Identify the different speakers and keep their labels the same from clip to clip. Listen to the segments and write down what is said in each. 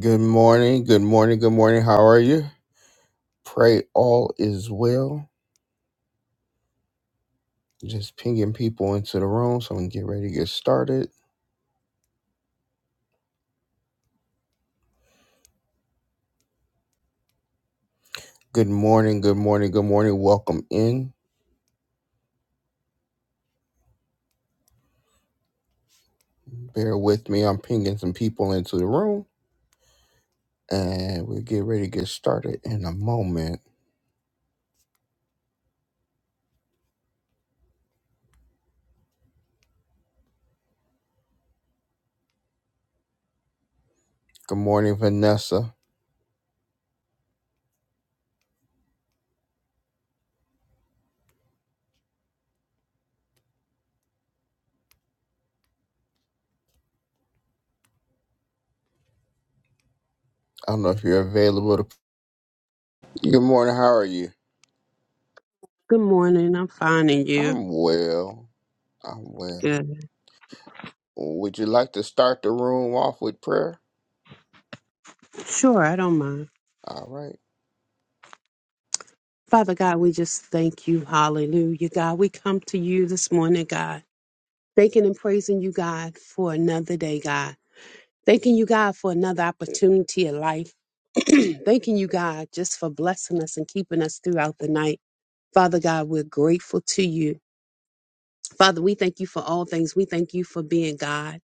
Speaker 1: Good morning. Good morning. Good morning. How are you? Pray all is well. Just pinging people into the room so we can get ready to get started. Good morning. Good morning. Good morning. Welcome in. Bear with me. I'm pinging some people into the room and we'll get ready to get started in a moment. Good morning, Vanessa. I don't know if you're available. To... Good morning. How are you?
Speaker 2: Good morning. I'm finding you.
Speaker 1: I'm well. I'm well.
Speaker 2: Good.
Speaker 1: Would you like to start the room off with prayer?
Speaker 2: Sure, I don't mind.
Speaker 1: All right.
Speaker 2: Father God, we just thank you. Hallelujah, God. We come to you this morning, God, thanking and praising you, God, for another day, God. Thanking you, God, for another opportunity of life. thanking you, God, just for blessing us and keeping us throughout the night. Father God, we're grateful to you. Father, we thank you for all things. We thank you for being God.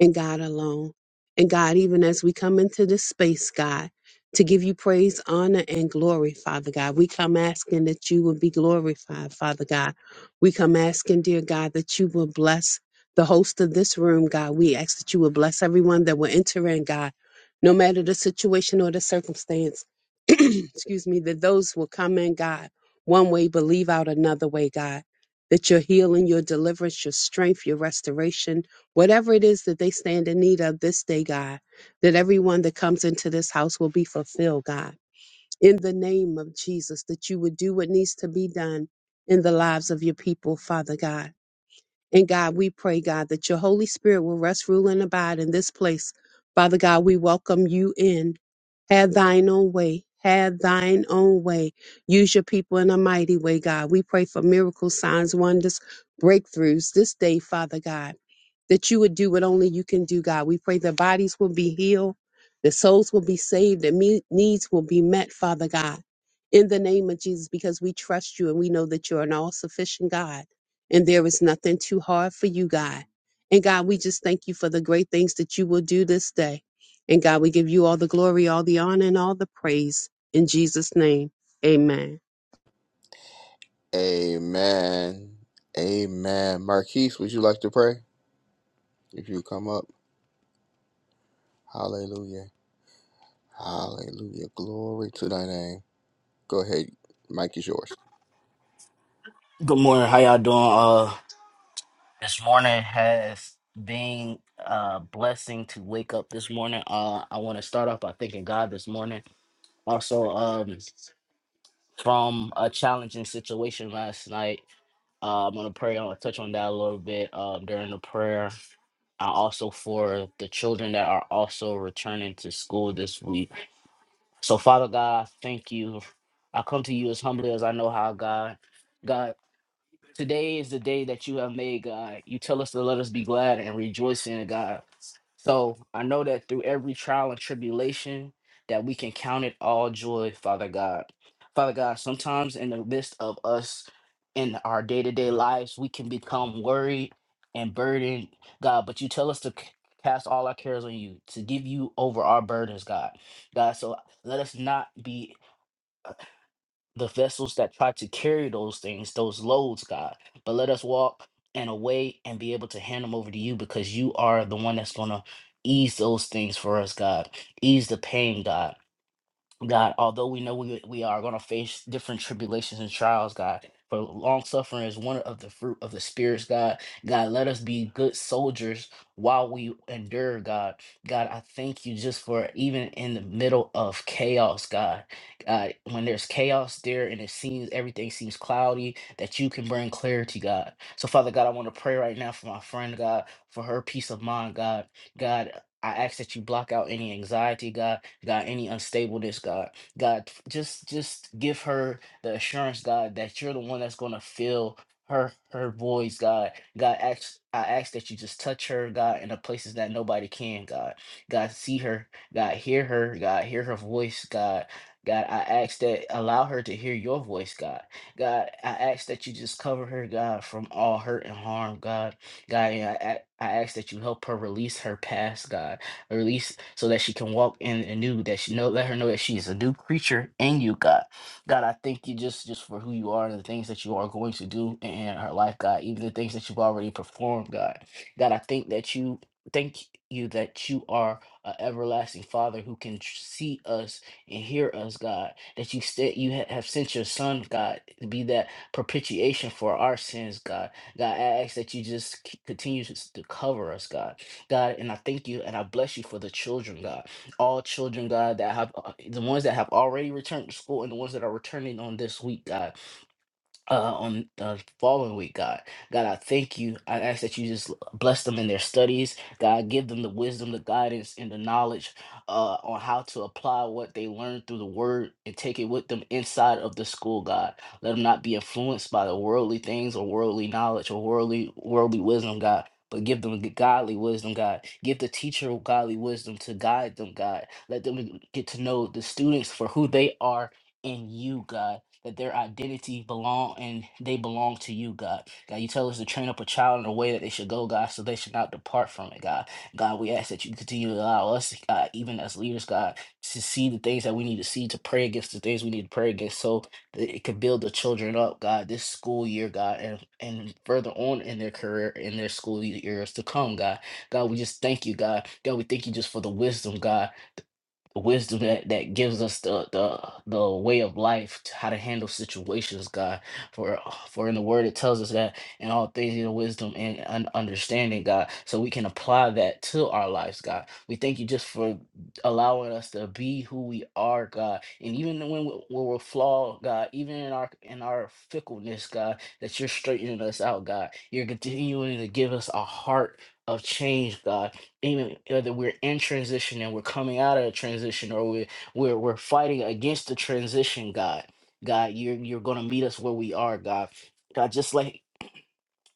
Speaker 2: and God alone. And God, even as we come into this space, God, to give you praise, honor, and glory, Father God, we come asking that you would be glorified, Father God. We come asking, dear God, that you will bless the host of this room, God. We ask that you will bless everyone that will enter in, God, no matter the situation or the circumstance. Excuse me, that those will come in, God, one way, believe out another way, God. That your healing, your deliverance, your strength, your restoration, Whatever it is that they stand in need of this day, God, that everyone that comes into this house will be fulfilled, God. In the name of Jesus, that you would do what needs to be done in the lives of your people, Father God. And God, we pray, God, that your Holy Spirit will rest, rule, and abide in this place. Father God, we welcome you in. Have thine own way. Have thine own way. Use your people in a mighty way, God. We pray for miracles, signs, wonders, breakthroughs this day, Father God that you would do what only you can do, God. We pray that bodies will be healed, that souls will be saved, that me- needs will be met, Father God, in the name of Jesus, because we trust you and we know that you're an all sufficient God and there is nothing too hard for you, God. And God, we just thank you for the great things that you will do this day. And God, we give you all the glory, all the honor, and all the praise. In Jesus' name, amen.
Speaker 1: Amen. Amen. Marquise, would you like to pray? If you come up, hallelujah. Hallelujah. Glory to thy name. Go ahead. Mike is yours.
Speaker 3: Good morning. How y'all doing? Uh, this morning has been a blessing to wake up this morning. Uh, I want to start off by thanking God this morning. Also, um, from a challenging situation last night, uh, I'm gonna pray. I'm gonna touch on that a little bit um, during the prayer. I also for the children that are also returning to school this week. So, Father God, I thank you. I come to you as humbly as I know how, God. God. Today is the day that you have made, God. You tell us to let us be glad and rejoice in it, God. So I know that through every trial and tribulation, that we can count it all joy, Father God. Father God, sometimes in the midst of us in our day to day lives, we can become worried and burdened, God, but you tell us to c- cast all our cares on you, to give you over our burdens, God. God, so let us not be the vessels that try to carry those things, those loads, God. But let us walk in a way and be able to hand them over to you because you are the one that's going to ease those things for us, God. Ease the pain, God. God, although we know we, we are going to face different tribulations and trials, God, for long suffering is one of the fruit of the spirits, God. God, let us be good soldiers while we endure, God. God, I thank you just for even in the middle of chaos, God. God, when there's chaos there and it seems everything seems cloudy, that you can bring clarity, God. So, Father God, I want to pray right now for my friend, God, for her peace of mind, God. God, I ask that you block out any anxiety, God God, any unstableness, God. God, just just give her the assurance, God, that you're the one that's gonna fill her her voice, God. God, ask, I ask that you just touch her, God, in the places that nobody can, God. God, see her, God, hear her, God, hear her voice, God. God, I ask that allow her to hear your voice, God. God, I ask that you just cover her, God, from all hurt and harm, God. God, and I, a- I ask that you help her release her past, God released so that she can walk in and new that she know let her know that she is a new creature in you, God. God, I thank you just just for who you are and the things that you are going to do in her life, God. Even the things that you've already performed, God. God, I think that you thank you that you are an everlasting Father who can tr- see us and hear us, God. That you said you ha- have sent your Son, God, to be that propitiation for our sins, God. God, I ask that you just c- continue to s- to cover us, God. God, and I thank you and I bless you for the children, God. All children, God, that have uh, the ones that have already returned to school and the ones that are returning on this week, God uh, on uh, following week, God. God, I thank you. I ask that you just bless them in their studies. God, give them the wisdom, the guidance, and the knowledge uh, on how to apply what they learned through the word and take it with them inside of the school, God. Let them not be influenced by the worldly things or worldly knowledge or worldly worldly wisdom, God. But give them the godly wisdom, God. Give the teacher godly wisdom to guide them, God. Let them get to know the students for who they are in you, God that their identity belong and they belong to you, God. God, you tell us to train up a child in the way that they should go, God, so they should not depart from it, God. God, we ask that you continue to allow us, God, even as leaders, God, to see the things that we need to see, to pray against the things we need to pray against, so that it could build the children up, God, this school year, God, and and further on in their career, in their school years to come, God. God, we just thank you, God. God, we thank you just for the wisdom, God the wisdom that that gives us the the the way of life to how to handle situations god for for in the word it tells us that in all things you know wisdom and un- understanding god so we can apply that to our lives god we thank you just for allowing us to be who we are god and even when, we, when we're flawed god even in our in our fickleness god that you're straightening us out god you're continuing to give us a heart of change god even whether we're in transition and we're coming out of a transition or we're we're, we're fighting against the transition god god you're you're going to meet us where we are god god just like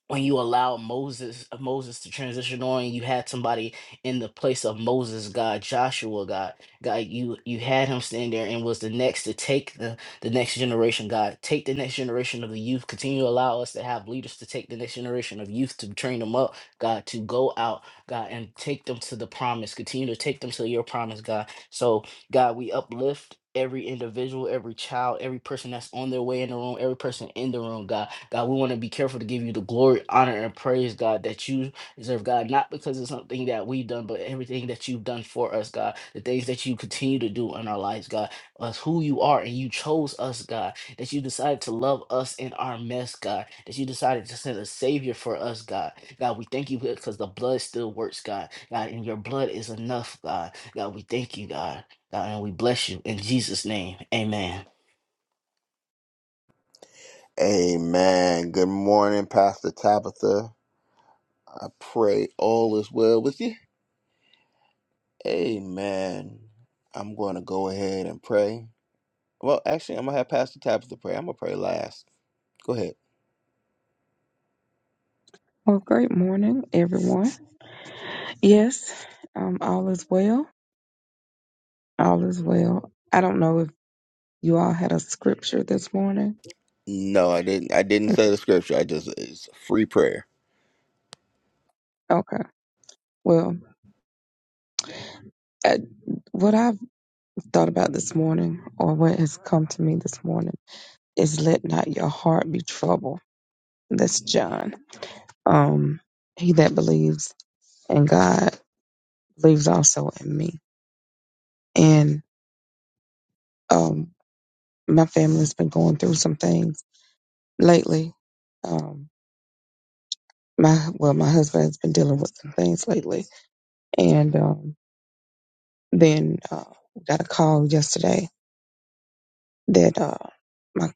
Speaker 3: when you allowed Moses uh, Moses to transition on, you had somebody in the place of Moses, God, Joshua, God, God, you you had him stand there and was the next to take the the next generation, God, take the next generation of the youth. Continue to allow us to have leaders to take the next generation of youth to train them up, God, to go out, God, and take them to the promise. Continue to take them to your promise, God. So, God, we uplift. Every individual, every child, every person that's on their way in the room, every person in the room, God. God, we want to be careful to give you the glory, honor, and praise, God, that you deserve, God, not because of something that we've done, but everything that you've done for us, God, the things that you continue to do in our lives, God, us who you are, and you chose us, God, that you decided to love us in our mess, God, that you decided to send a Savior for us, God. God, we thank you because the blood still works, God, God, and your blood is enough, God. God, we thank you, God, God, and we bless you in Jesus' name. Amen.
Speaker 1: Amen. Good morning, Pastor Tabitha. I pray all is well with you. Amen. I'm going to go ahead and pray. Well, actually, I'm going to have Pastor Tabitha pray. I'm going to pray last. Go ahead.
Speaker 4: Well, great morning, everyone. Yes, um, all is well. All is well. I don't know if you all had a scripture this morning.
Speaker 1: No, I didn't. I didn't say the scripture. I just, it's free prayer.
Speaker 4: Okay. Well, uh, what I've thought about this morning, or what has come to me this morning, is let not your heart be troubled. That's John. Um, he that believes in God believes also in me. And um, my family's been going through some things lately. Um. my well, my husband's been dealing with some things lately, and um, then uh, got a call yesterday that uh, my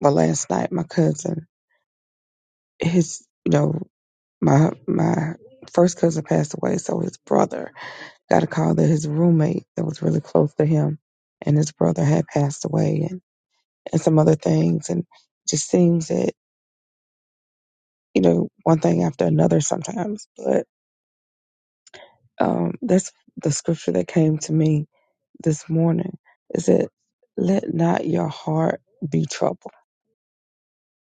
Speaker 4: well, last night my cousin, his you know my my first cousin passed away, so his brother got a call that his roommate that was really close to him and his brother had passed away, and and some other things, and it just seems that you know one thing after another sometimes, but um, that's the scripture that came to me this morning. It said, Let not your heart be troubled.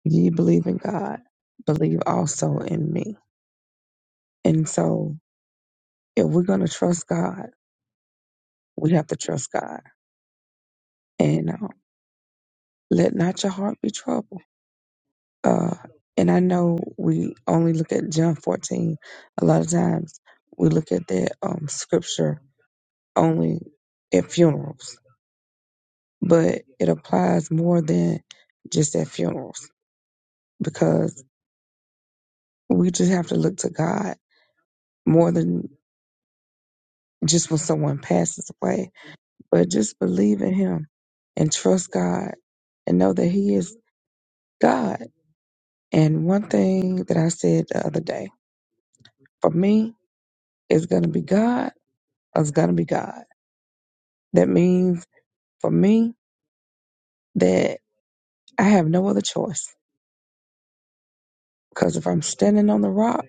Speaker 4: Ye believe in God, believe also in me. And so, if we're going to trust God, we have to trust God. And um, let not your heart be troubled. Uh, and I know we only look at John 14. A lot of times we look at that um, scripture only at funerals, but it applies more than just at funerals because we just have to look to God more than just when someone passes away, but just believe in Him and trust God and know that He is God. And one thing that I said the other day for me, it's going to be God, or it's going to be God. That means for me that I have no other choice because if I'm standing on the rock,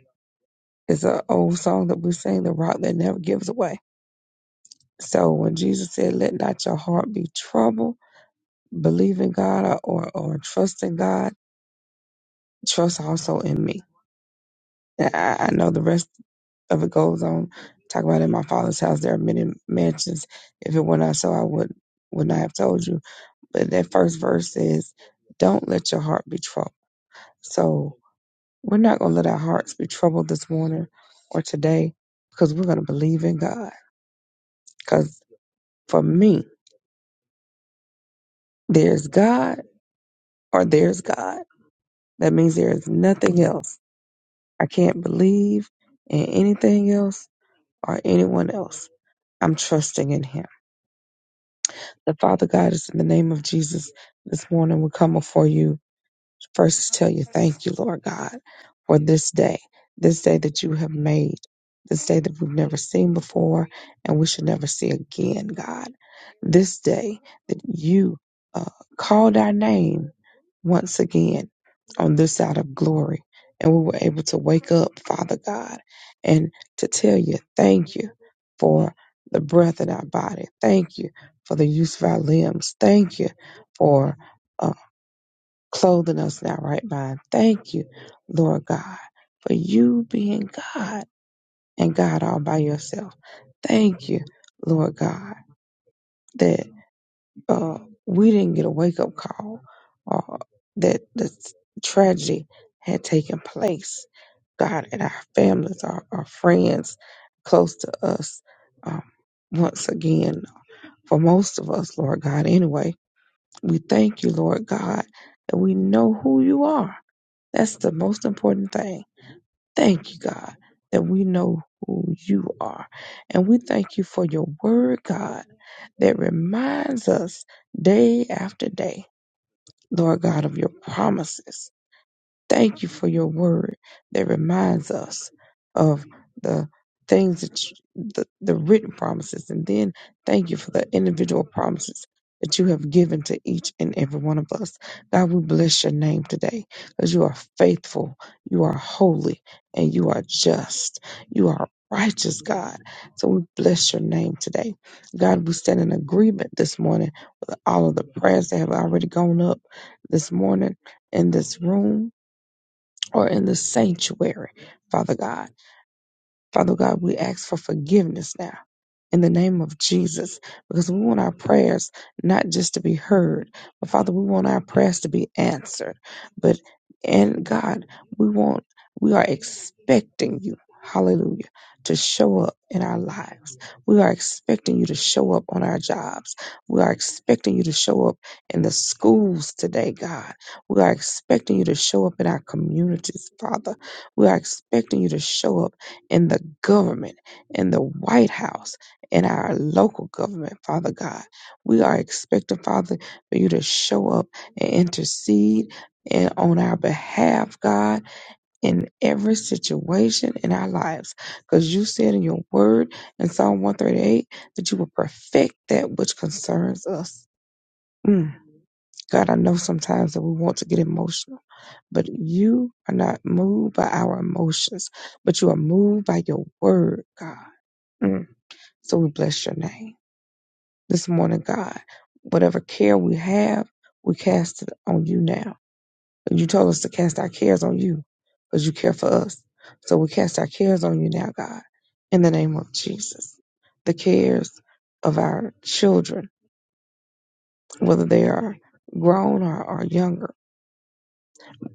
Speaker 4: it's an old song that we sing, the rock that never gives away. So when Jesus said, let not your heart be troubled, believe in God or, or, or trust in God trust also in me. And I, I know the rest of it goes on. Talk about in my father's house, there are many mansions. If it were not so, I would would not have told you. But that first verse says, "Don't let your heart be troubled." So we're not going to let our hearts be troubled this morning or today, because we're going to believe in God. Because for me, there's God or there's God. That means there is nothing else. I can't believe in anything else or anyone else I'm trusting in him. The Father God is in the name of Jesus this morning. We come before you first to tell you thank you, Lord God, for this day, this day that you have made, this day that we've never seen before and we should never see again, God. This day that you uh, called our name once again on this side of glory. And we were able to wake up, Father God, and to tell you thank you for the breath in our body. Thank you for the use of our limbs. Thank you for. uh, clothing us in our right mind. Thank you, Lord God, for you being God and God all by yourself. Thank you, Lord God, that uh, we didn't get a wake up call or that the tragedy had taken place. God and our families, our, our friends close to us, um, once again, for most of us, Lord God, anyway, we thank you, Lord God, that we know who you are That's the most important thing. Thank you, God, that we know who you are. And we thank you for your word, God, that reminds us day after day, Lord God, of your promises. Thank you for your word that reminds us of the things that you, the, the written promises. And then thank you for the individual promises that you have given to each and every one of us. God, we bless your name today because you are faithful, you are holy, and you are just. You are righteous, God. So we bless your name today. God, we stand in agreement this morning with all of the prayers that have already gone up this morning in this room or in the sanctuary, Father God. Father God, we ask for forgiveness now in the name of Jesus because we want our prayers not just to be heard, but Father, we want our prayers to be answered. But and God, we want we are expecting you, hallelujah, to show up in our lives. We are expecting you to show up on our jobs. We are expecting you to show up in the schools today, God. We are expecting you to show up in our communities, Father. We are expecting you to show up in the government, in the White House in our local government, Father God. We are expecting, Father, for you to show up and intercede and on our behalf, God, in every situation in our lives. Because you said in your word in Psalm 138 that you will perfect that which concerns us. Mm. God, I know sometimes that we want to get emotional, but you are not moved by our emotions, but you are moved by your word, God. Mm. So we bless your name this morning, God. Whatever care we have, we cast it on you now. you told us to cast our cares on you because you care for us. So we cast our cares on you now, God, in the name of Jesus. The cares of our children, whether they are grown or, or younger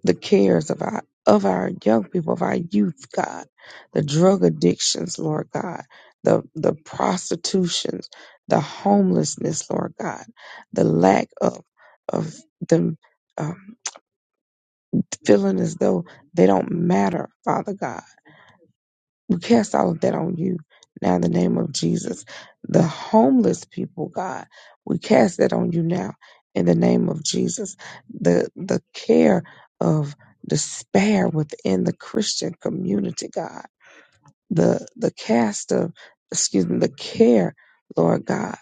Speaker 4: the cares of our of our young people, of our youth, God, the drug addictions, Lord God, the the prostitutions, the homelessness, Lord God, the lack of of them um, feeling as though they don't matter, Father God we cast all of that on you now in the name of Jesus. The homeless people, God, we cast that on you now in the name of Jesus. The the care of despair within the Christian community, God. The the cast of excuse me, the care, Lord God,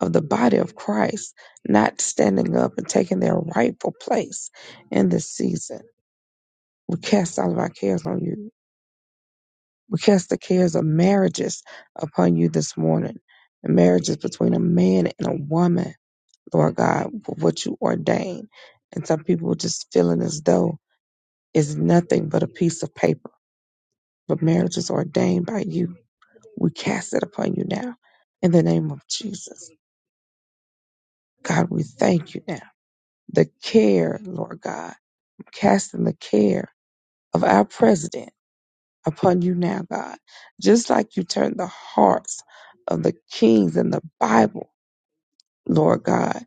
Speaker 4: of the body of Christ not standing up and taking their rightful place in this season. We cast all of our cares on you we cast the cares of marriages upon you this morning. The marriages between a man and a woman, Lord God, for what you ordain. And some people just feeling as though it's nothing but a piece of paper. But marriage is ordained by you. We cast it upon you now. In the name of Jesus. God, we thank you now. The care, Lord God, casting the care of our president upon you now, God. Just like you turned the hearts of the kings in the Bible, Lord God,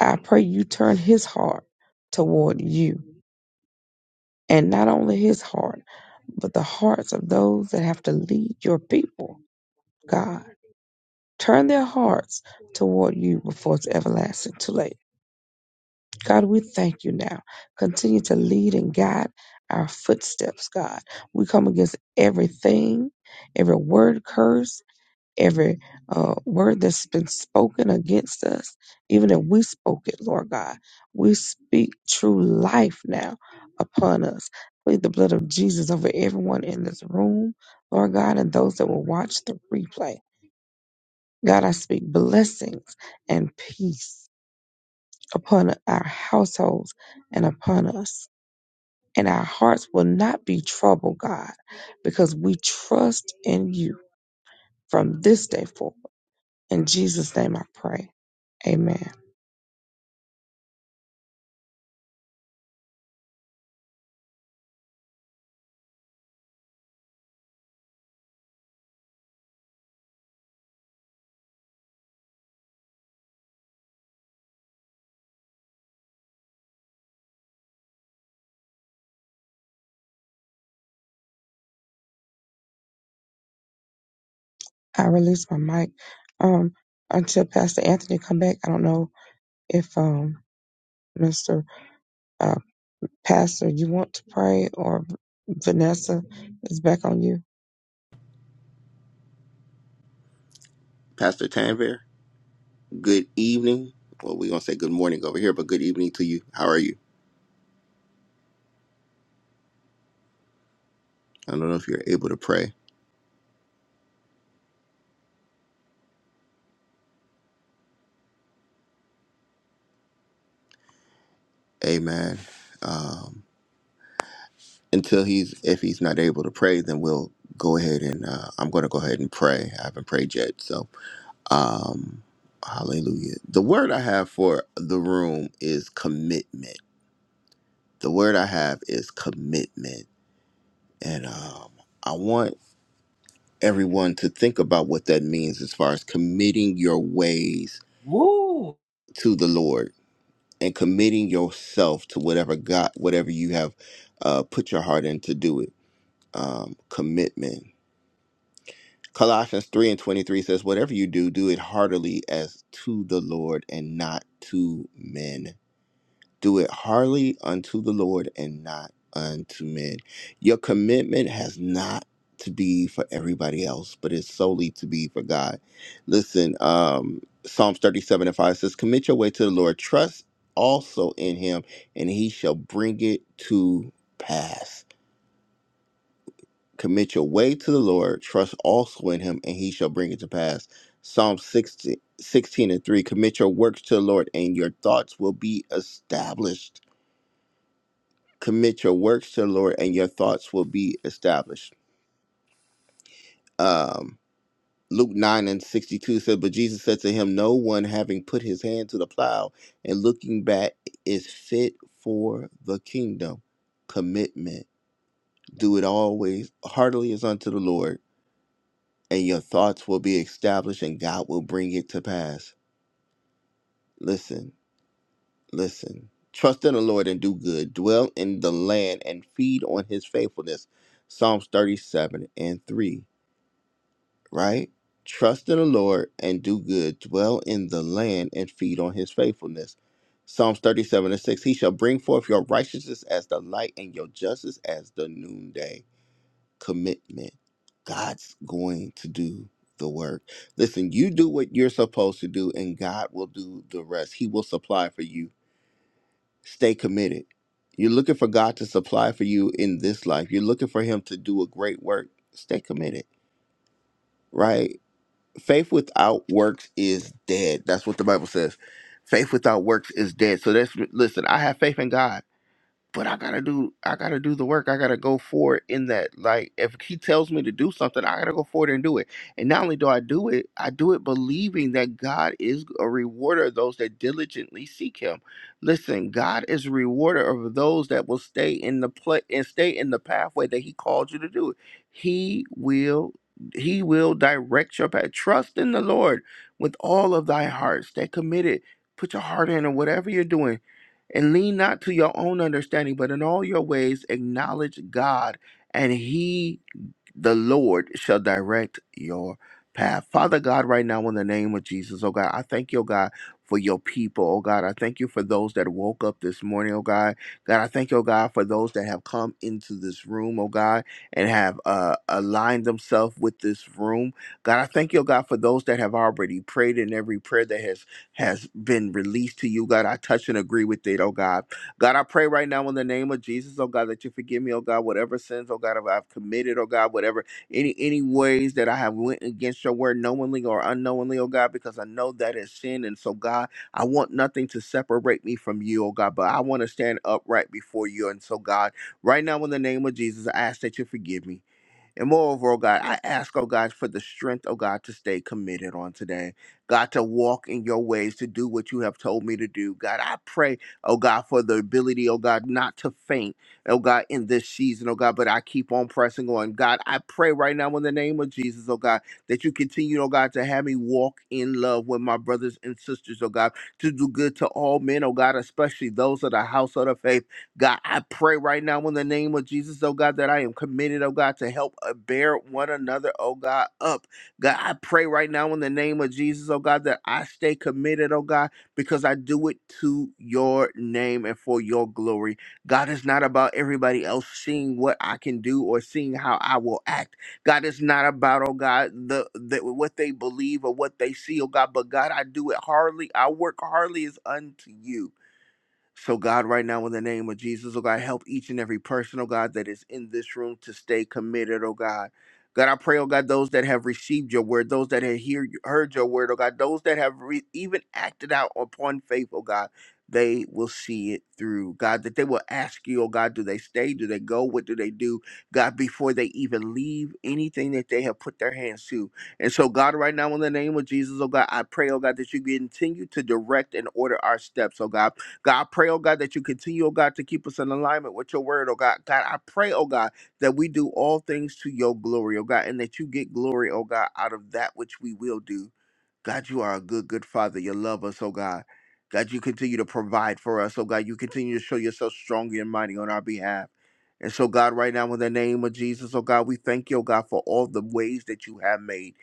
Speaker 4: I pray you turn his heart toward you. And not only his heart, but the hearts of those that have to lead your people, God. Turn their hearts toward you before it's everlasting too late. God, we thank you now. Continue to lead and guide our footsteps, God. We come against everything, every word curse, every uh, word that's been spoken against us, even if we spoke it, Lord God. We speak true life now upon us. Plead the blood of Jesus over everyone in this room, Lord God, and those that will watch the replay. God, I speak blessings and peace upon our households and upon us. And our hearts will not be troubled, God, because we trust in you from this day forward. In Jesus' name I pray. Amen. I release my mic. Um, until Pastor Anthony come back, I don't know if um Mr. Uh, Pastor, you want to pray or Vanessa is back on you.
Speaker 1: Pastor Tanvir? Good evening. Well, we're going to say good morning over here, but good evening to you. How are you? I don't know if you're able to pray. Amen. Um, until he's, if he's not able to pray, then we'll go ahead and, uh, I'm going to go ahead and pray. I haven't prayed yet. So, um, hallelujah. The word I have for the room is commitment. The word I have is commitment. And, um, I want everyone to think about what that means as far as committing your ways
Speaker 3: Woo!
Speaker 1: to the Lord and committing yourself to whatever God, whatever you have uh, put your heart in to do it. Um, commitment. Colossians 3 and 23 says, Whatever you do, do it heartily as to the Lord and not to men do it heartily unto the Lord and not unto men. Your commitment has not to be for everybody else, but it's solely to be for God. Listen, um, Psalms 37 and 5 says, Commit your way to the Lord, trust also in him, and he shall bring it to pass. Commit your way to the Lord, trust also in him, and he shall bring it to pass. Psalm 60, sixteen and 3 Commit your works to the Lord, and your thoughts will be established. commit your works to the Lord, and your thoughts will be established. Um, Luke 9 and 62 said, But Jesus said to him, No one having put his hand to the plow and looking back is fit for the kingdom. Commitment. Do it always, heartily as unto the Lord, and your thoughts will be established, and God will bring it to pass. Listen, listen. Trust in the Lord and do good. Dwell in the land and feed on his faithfulness. Psalms 37 and 3. right? Trust in the Lord and do good, dwell in the land and feed on his faithfulness. Psalms 37 and 6 He shall bring forth your righteousness as the light and your justice as the noonday. Commitment. God's going to do the work. Listen, you do what you're supposed to do, and God will do the rest. He will supply for you. Stay committed. You're looking for God to supply for you in this life, you're looking for Him to do a great work. Stay committed right? faith without works is dead. That's what the Bible says. Faith without works is dead. So that's listen, I have faith in God but I gotta do I gotta do the work. I gotta go for it in that like if he tells me to do something, I gotta go for it and do it. And not only do I do it, I do it believing that God is a rewarder of those that diligently seek him. Listen, God is a rewarder of those that will stay in the play and stay in the pathway that he called you to do. He will he will direct your path. Trust in the Lord with all of thy heart. Stay committed. Put your heart in and whatever you're doing and lean not to your own understanding, but in all your ways acknowledge God, and He the Lord shall direct your path. Father God, right now in the name of Jesus, oh God, I thank you, oh God, for your people, oh God. I thank you for those that woke up this morning, oh God. God, I thank you, oh God, for those that have come into this room, oh God, and have uh, aligned themselves with this room. God, I thank you, oh God, for those that have already prayed in every prayer that has has been released to you, God. I touch and agree with it, oh God. God, I pray right now in the name of Jesus, oh God, that you forgive me, oh God, whatever sins, oh God, I've committed, oh God, whatever, any any ways that I have went against your word knowingly or unknowingly, oh God, because I know that is sin. And so, God, I want nothing to separate me from you, oh God, but I want to stand upright before you. And so, God, right now in the name of Jesus, I ask that you forgive me. And moreover, oh God, I ask, oh God, for the strength, oh God, to stay committed on today. God, to walk in your ways, to do what you have told me to do. God, I pray, oh God, for the ability, oh God, not to faint, oh God, in this season, oh God, but I keep on pressing on. God, I pray right now in the name of Jesus, oh God, that you continue, oh God, to have me walk in love with my brothers and sisters, oh God, to do good to all men, oh God, especially those of the house of the faith. God, I pray right now in the name of Jesus, oh God, that I am committed, oh God, to help uh, bear one another, oh God, up. God, I pray right now in the name of Jesus, oh God, that I stay committed, oh God, because I do it to your name and for your glory. God, it's not about everybody else seeing what I can do or seeing how I will act. God, it's not about, oh God, the, the what they believe or what they see, oh God, but God, I do it hardly. I work hardly is unto you. So, God, right now, in the name of Jesus, oh God, help each and every person, oh God, that is in this room to stay committed, oh God. God, I pray, oh God, those that have received your word, those that have hear, heard your word, oh God, those that have re- even acted out upon faith, oh God, they will see it through. God, that they will ask you, oh God, do they stay? Do they go? What do they do? God, before they even leave anything that they have put their hands to. And so, God, right now, in the name of Jesus, oh God, I pray, oh God, that you continue to direct and order our steps, oh God. God, I pray, oh God, that you continue, oh God, to keep us in alignment with your word, oh God. God, I pray, oh God, that we do all things to your glory, oh God, and that you get glory, oh God, out of that which we will do. God, you are a good, good father. You love us, oh God. God, you continue to provide for us, oh God. You continue to show yourself strong and mighty on our behalf. And so, God, right now, in the name of Jesus, oh God, we thank you, oh God, for all the ways that you have made.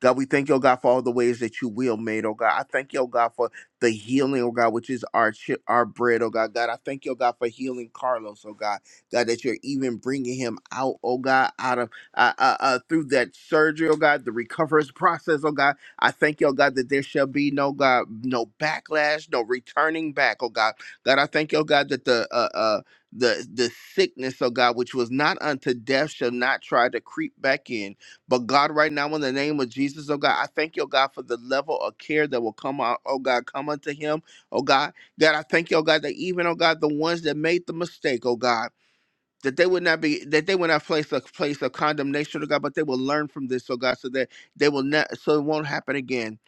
Speaker 1: God, we thank you, oh God, for all the ways that you will made, oh God. I thank you, oh God, for the healing, oh God, which is our chi- our bread, oh God. God, I thank you, oh God, for healing Carlos, oh God. God, that you're even bringing him out, oh God, out of uh, uh, uh, through that surgery, oh God, the recovery process, oh God. I thank you, oh God, that there shall be no God, no backlash, no returning back, oh God. God, I thank you, oh God, that the uh uh the the sickness, oh God, which was not unto death, shall not try to creep back in. But God, right now, in the name of Jesus, oh God, I thank you, oh God, for the level of care that will come out, oh God, come unto him, oh God. God, I thank you, oh God, that even, oh God, the ones that made the mistake, oh God that they would not be that they would not place a place of condemnation to God, but they will learn from this, oh God, so that they will not so it won't happen again.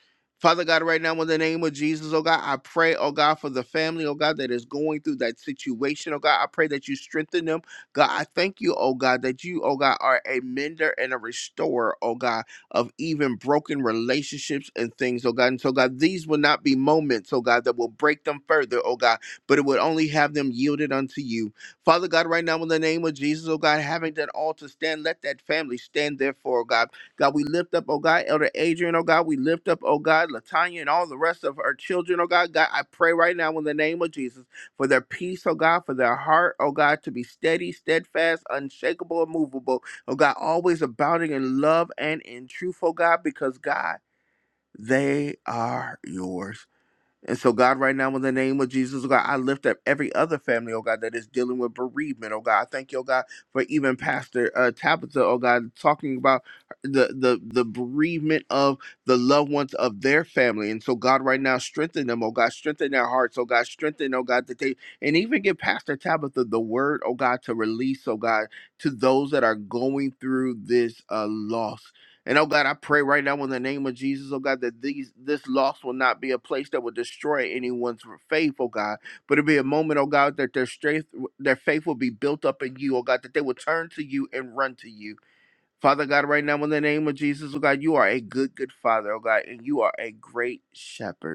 Speaker 1: Father God, right now in the name of Jesus, oh God, I pray, oh God, for the family, oh God, that is going through that situation, oh God. I pray that you strengthen them. God, I thank you, oh God, that you, oh God, are a mender and a restorer, oh God, of even broken relationships and things, oh God. And so, God, these will not be moments, oh God, that will break them further, oh God, but it would only have them yielded unto you. Father God, right now in the name of Jesus, oh God, having that altar stand, let that family stand there for, oh God. God, we lift up, oh God, Elder Adrian, oh God, we lift up, oh God, Latanya and all the rest of our children, oh God. God, I pray right now in the name of Jesus for their peace, oh God, for their heart, oh God, to be steady, steadfast, unshakable, immovable, oh God, always abounding in love and in truth, oh God, because God, they are yours. And so, God, right now, in the name of Jesus, oh God, I lift up every other family, oh God, that is dealing with bereavement, oh God. I thank you, oh God, for even Pastor uh, Tabitha, oh God, talking about the, the, the bereavement of the loved ones of their family. And so, God, right now, strengthen them, oh God, strengthen their hearts, oh God, strengthen, oh God, that they, and even give Pastor Tabitha the word, oh God, to release, oh God, to those that are going through this uh, loss. And oh God, I pray right now in the name of Jesus, oh God, that these this loss will not be a place that will destroy anyone's faith, oh God. But it'll be a moment, oh God, that their strength their faith will be built up in you, oh God, that they will turn to you and run to you. Father God, right now in the name of Jesus, oh God, you are a good, good father, oh God, and you are a great shepherd.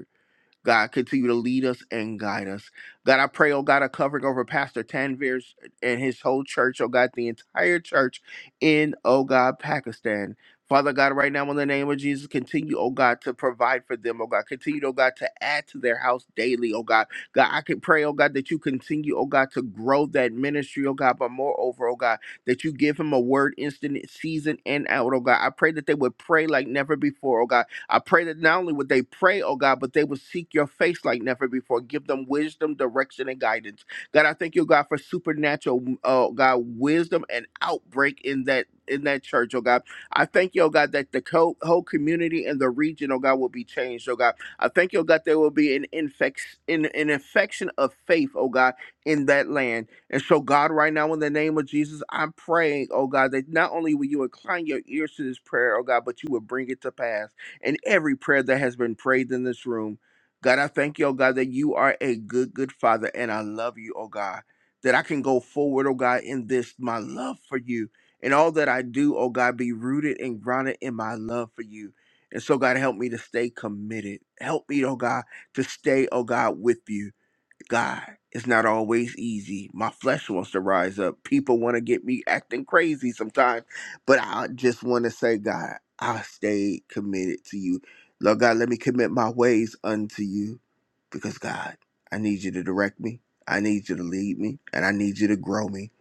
Speaker 1: God, continue to lead us and guide us. God, I pray, oh God, a covering over Pastor Tanvir and his whole church, oh God, the entire church in, oh God, Pakistan. Father God, right now in the name of Jesus, continue, oh God, to provide for them, oh God. Continue, oh God, to add to their house daily, oh God. God, I can pray, oh God, that you continue, oh God, to grow that ministry, oh God, but moreover, oh God, that you give him a word instant season and out, oh God. I pray that they would pray like never before, oh God I pray that not only would they pray, oh God, but they would seek your face like never before. Give them wisdom, direction, and guidance. God, I thank you, God, for supernatural, oh God, wisdom and outbreak in that in that church, oh God. I thank you, oh God, that the co- whole community and the region, oh God, will be changed, oh God. I thank you, oh God, there will be an infection, an, an infection of faith, oh God, in that land. And so, God, right now, in the name of Jesus, I'm praying, oh God, that not only will you incline your ears to this prayer, oh God, but you will bring it to pass and every prayer that has been prayed in this room. God, I thank you, oh God, that you are a good, good Father, and I love you, oh God, that I can go forward, oh God, in this, my love for you. And all that I do, oh God, be rooted and grounded in my love for you. And so, God, help me to stay committed. Help me, oh God, to stay, oh God, with you. God, it's not always easy. My flesh wants to rise up. People want to get me acting crazy sometimes. But I just want to say, God, I stayed committed to you. Lord God, let me commit my ways unto you because, God, I need you to direct me. I need you to lead me and I need you to grow me.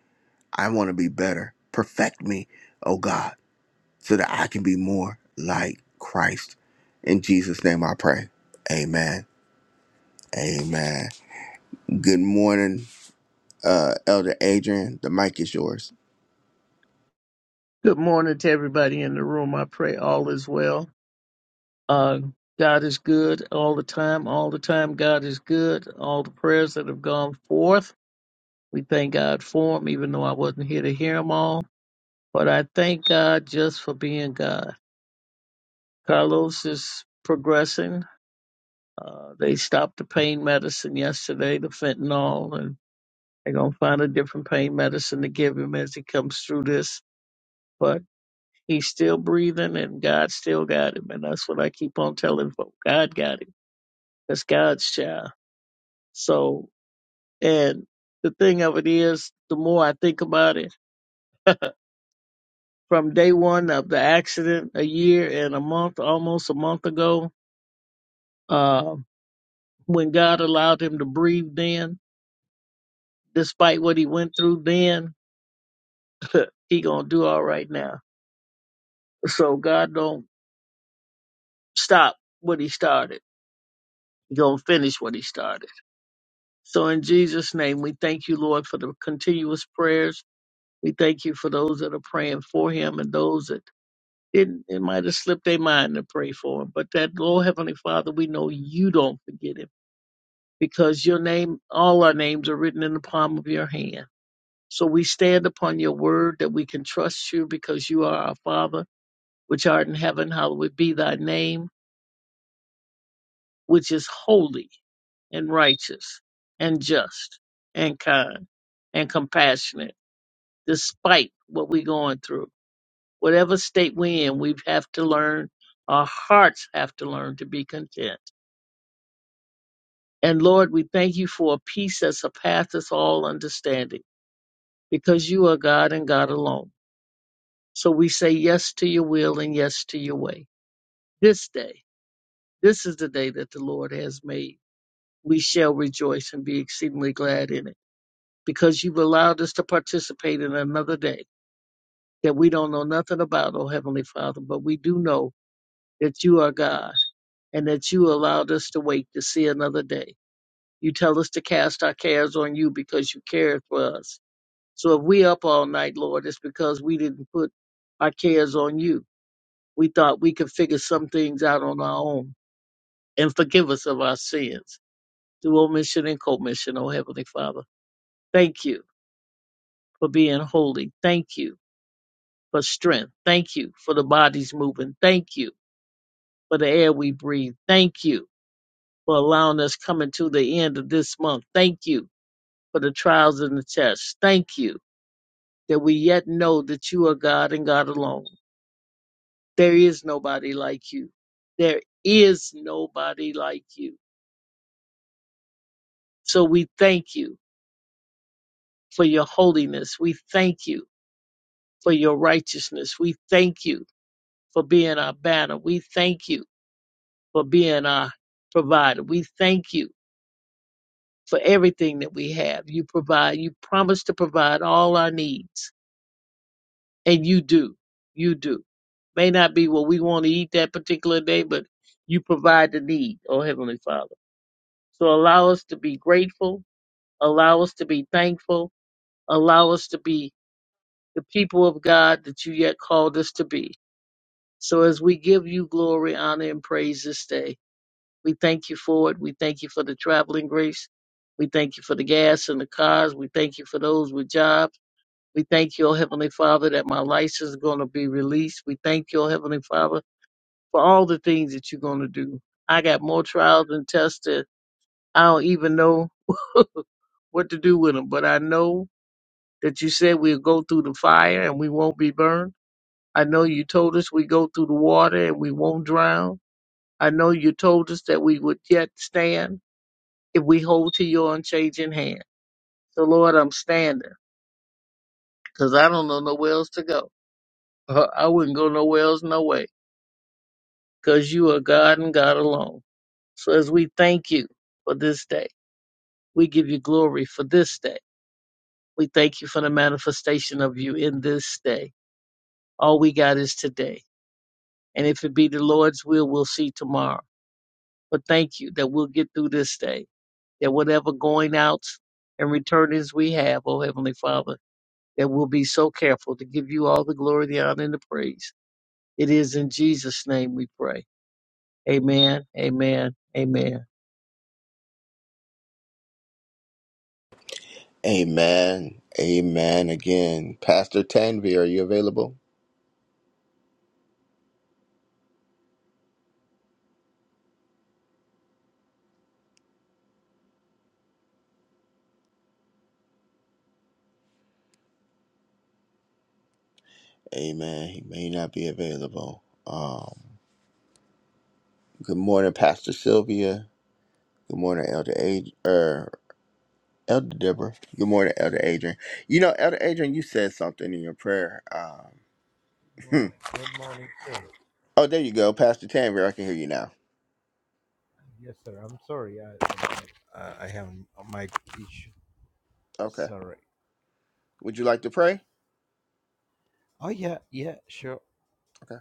Speaker 1: I want to be better. Perfect me, oh God, so that I can be more like Christ. In Jesus' name I pray. Amen. Amen. Good morning, uh, Elder Adrian. The mic is yours.
Speaker 5: Good morning to everybody in the room. I pray all is well. Uh, God is good all the time. All the time, God is good. All the prayers that have gone forth, we thank God for them, even though I wasn't here to hear them all. But I thank God just for being God. Carlos is progressing. Uh, they stopped the pain medicine yesterday, the fentanyl, and they're going to find a different pain medicine to give him as he comes through this. but. He's still breathing and God still got him. And that's what I keep on telling folk. God got him. That's God's child. So, and the thing of it is, the more I think about it, from day one of the accident, a year and a month, almost a month ago, uh, when God allowed him to breathe then, despite what he went through then, he gonna do all right now. So God don't stop what he started. He gonna finish what he started. So in Jesus' name, we thank you, Lord, for the continuous prayers. We thank you for those that are praying for him and those that didn't, it might have slipped their mind to pray for him. But that, Lord Heavenly Father, we know you don't forget him because your name, all our names are written in the palm of your hand. So we stand upon your word that we can trust you because you are our Father, which art in heaven. Hallowed be thy name, which is holy and righteous and just and kind and compassionate despite what we're going through. Whatever state we're in, we have to learn, our hearts have to learn to be content. And Lord, we thank you for a peace that surpasses all understanding because you are God and God alone. So we say yes to your will and yes to your way. This day, this is the day that the Lord has made. We shall rejoice and be exceedingly glad in it because you've allowed us to participate in another day that we don't know nothing about, oh Heavenly Father, but we do know that you are God and that you allowed us to wait to see another day. You tell us to cast our cares on you because you cared for us. So if we up all night, Lord, it's because we didn't put our cares on you. We thought we could figure some things out on our own and forgive us of our sins through omission and commission, O Heavenly Father. Thank you for being holy. Thank you for strength. Thank you for the bodies moving. Thank you for the air we breathe. Thank you for allowing us coming to the end of this month. Thank you for the trials and the tests. Thank you that we yet know that you are God and God alone. There is nobody like you. There is nobody like you. So we thank you for your holiness. We thank you for your righteousness. We thank you for being our banner. We thank you for being our provider. We thank you for everything that we have. You provide, you promise to provide all our needs and you do you do may not be what we want to eat that particular day but you provide the need oh heavenly father so allow us to be grateful allow us to be thankful allow us to be the people of god that you yet called us to be so as we give you glory honor and praise this day we thank you for it we thank you for the traveling grace we thank you for the gas and the cars we thank you for those with jobs We thank you, O Heavenly Father, that my license is going to be released. We thank you, O Heavenly Father, for all the things that you're going to do. I got more trials and tests that I don't even know what to do with them, but I know that you said we'll go through the fire and we won't be burned. I know you told us we go through the water and we won't drown. I know you told us that we would yet stand if we hold to your unchanging hand. So, Lord, I'm standing because I don't know nowhere else to go. I wouldn't go nowhere else, no way. because you are God and God alone. So as we thank you for this day, we give you glory for this day. We thank you for the manifestation of you in this day. All we got is today. And if it be the Lord's will, we'll see tomorrow. But thank you that we'll get through this day, that whatever going outs and returnings we have, oh Heavenly Father, that we'll be so careful to give you all the glory, the honor, and the praise. It is in Jesus' name we pray. Amen, amen, amen.
Speaker 1: Amen. Amen again. Pastor Tanvi, are you available? Amen. He may not be available. Um, good morning, Pastor Sylvia. Good morning, Elder Ad- er, Elder Deborah. Good morning, Elder Adrian. You know, Elder Adrian, you said something in your prayer. Um, hmm.
Speaker 6: Morning. Good morning, sir.
Speaker 1: oh, there you go, Pastor Tanver. I can hear you now.
Speaker 6: Yes, sir. I'm sorry. I uh, I have a mic issue.
Speaker 1: Okay.
Speaker 6: Sorry.
Speaker 1: Would
Speaker 6: Yeah.
Speaker 1: you like to pray?
Speaker 6: Oh yeah, yeah, sure.
Speaker 1: Okay.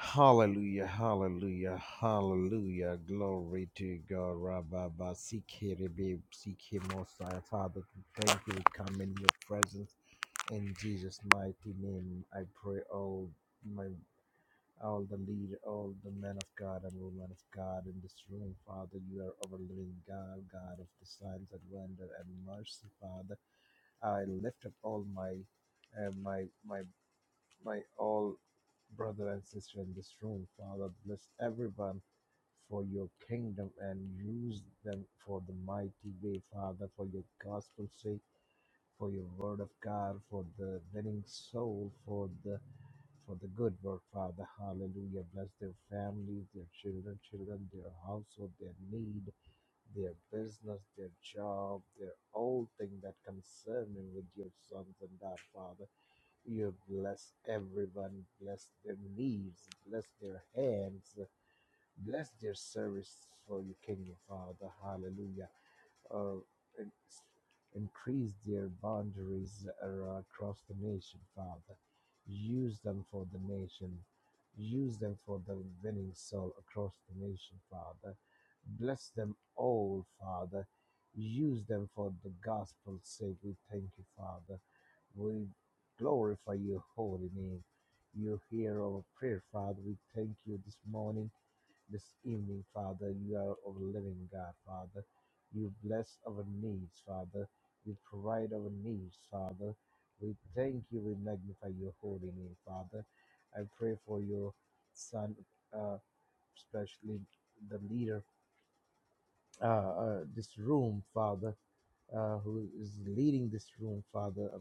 Speaker 6: Hallelujah, hallelujah, hallelujah. Glory to God. Rababa Sikiribi Sikimosai. Father, we thank you. We come in your presence. In Jesus' mighty name, I pray all. my. all the leader, all the men of God and women of God in this room, Father. You are our living God, God of the signs and wonder and mercy, Father. I lift up all my, uh, my, my, my all brother and sister in this room, Father. Bless everyone for your kingdom and use them for the mighty way, Father, for your gospel's sake, for your word of God, for the winning soul, for the for the good work, Father. Hallelujah. Bless their families, their children, children, their household, their need, their business, their job, their all thing that concern them with your sons and daughters, Father. You bless everyone, bless their knees, bless their hands, bless their service for your kingdom, Father. Hallelujah uh, in- increase their boundaries ar- across the nation, Father. Use them for the nation. Use them for the winning soul across the nation, Father. Bless them all, Father. Use them for the gospel's sake. We thank you, Father. We glorify your holy name. You hear our prayer, Father. We thank you this morning this evening, Father. You are our living God, Father. You bless our needs, Father. You provide our needs, Father. We thank you. We magnify your holy name, Father. I pray for your son, uh, especially the leader, uh, uh, this room, Father, uh, who is leading this room, Father, uh,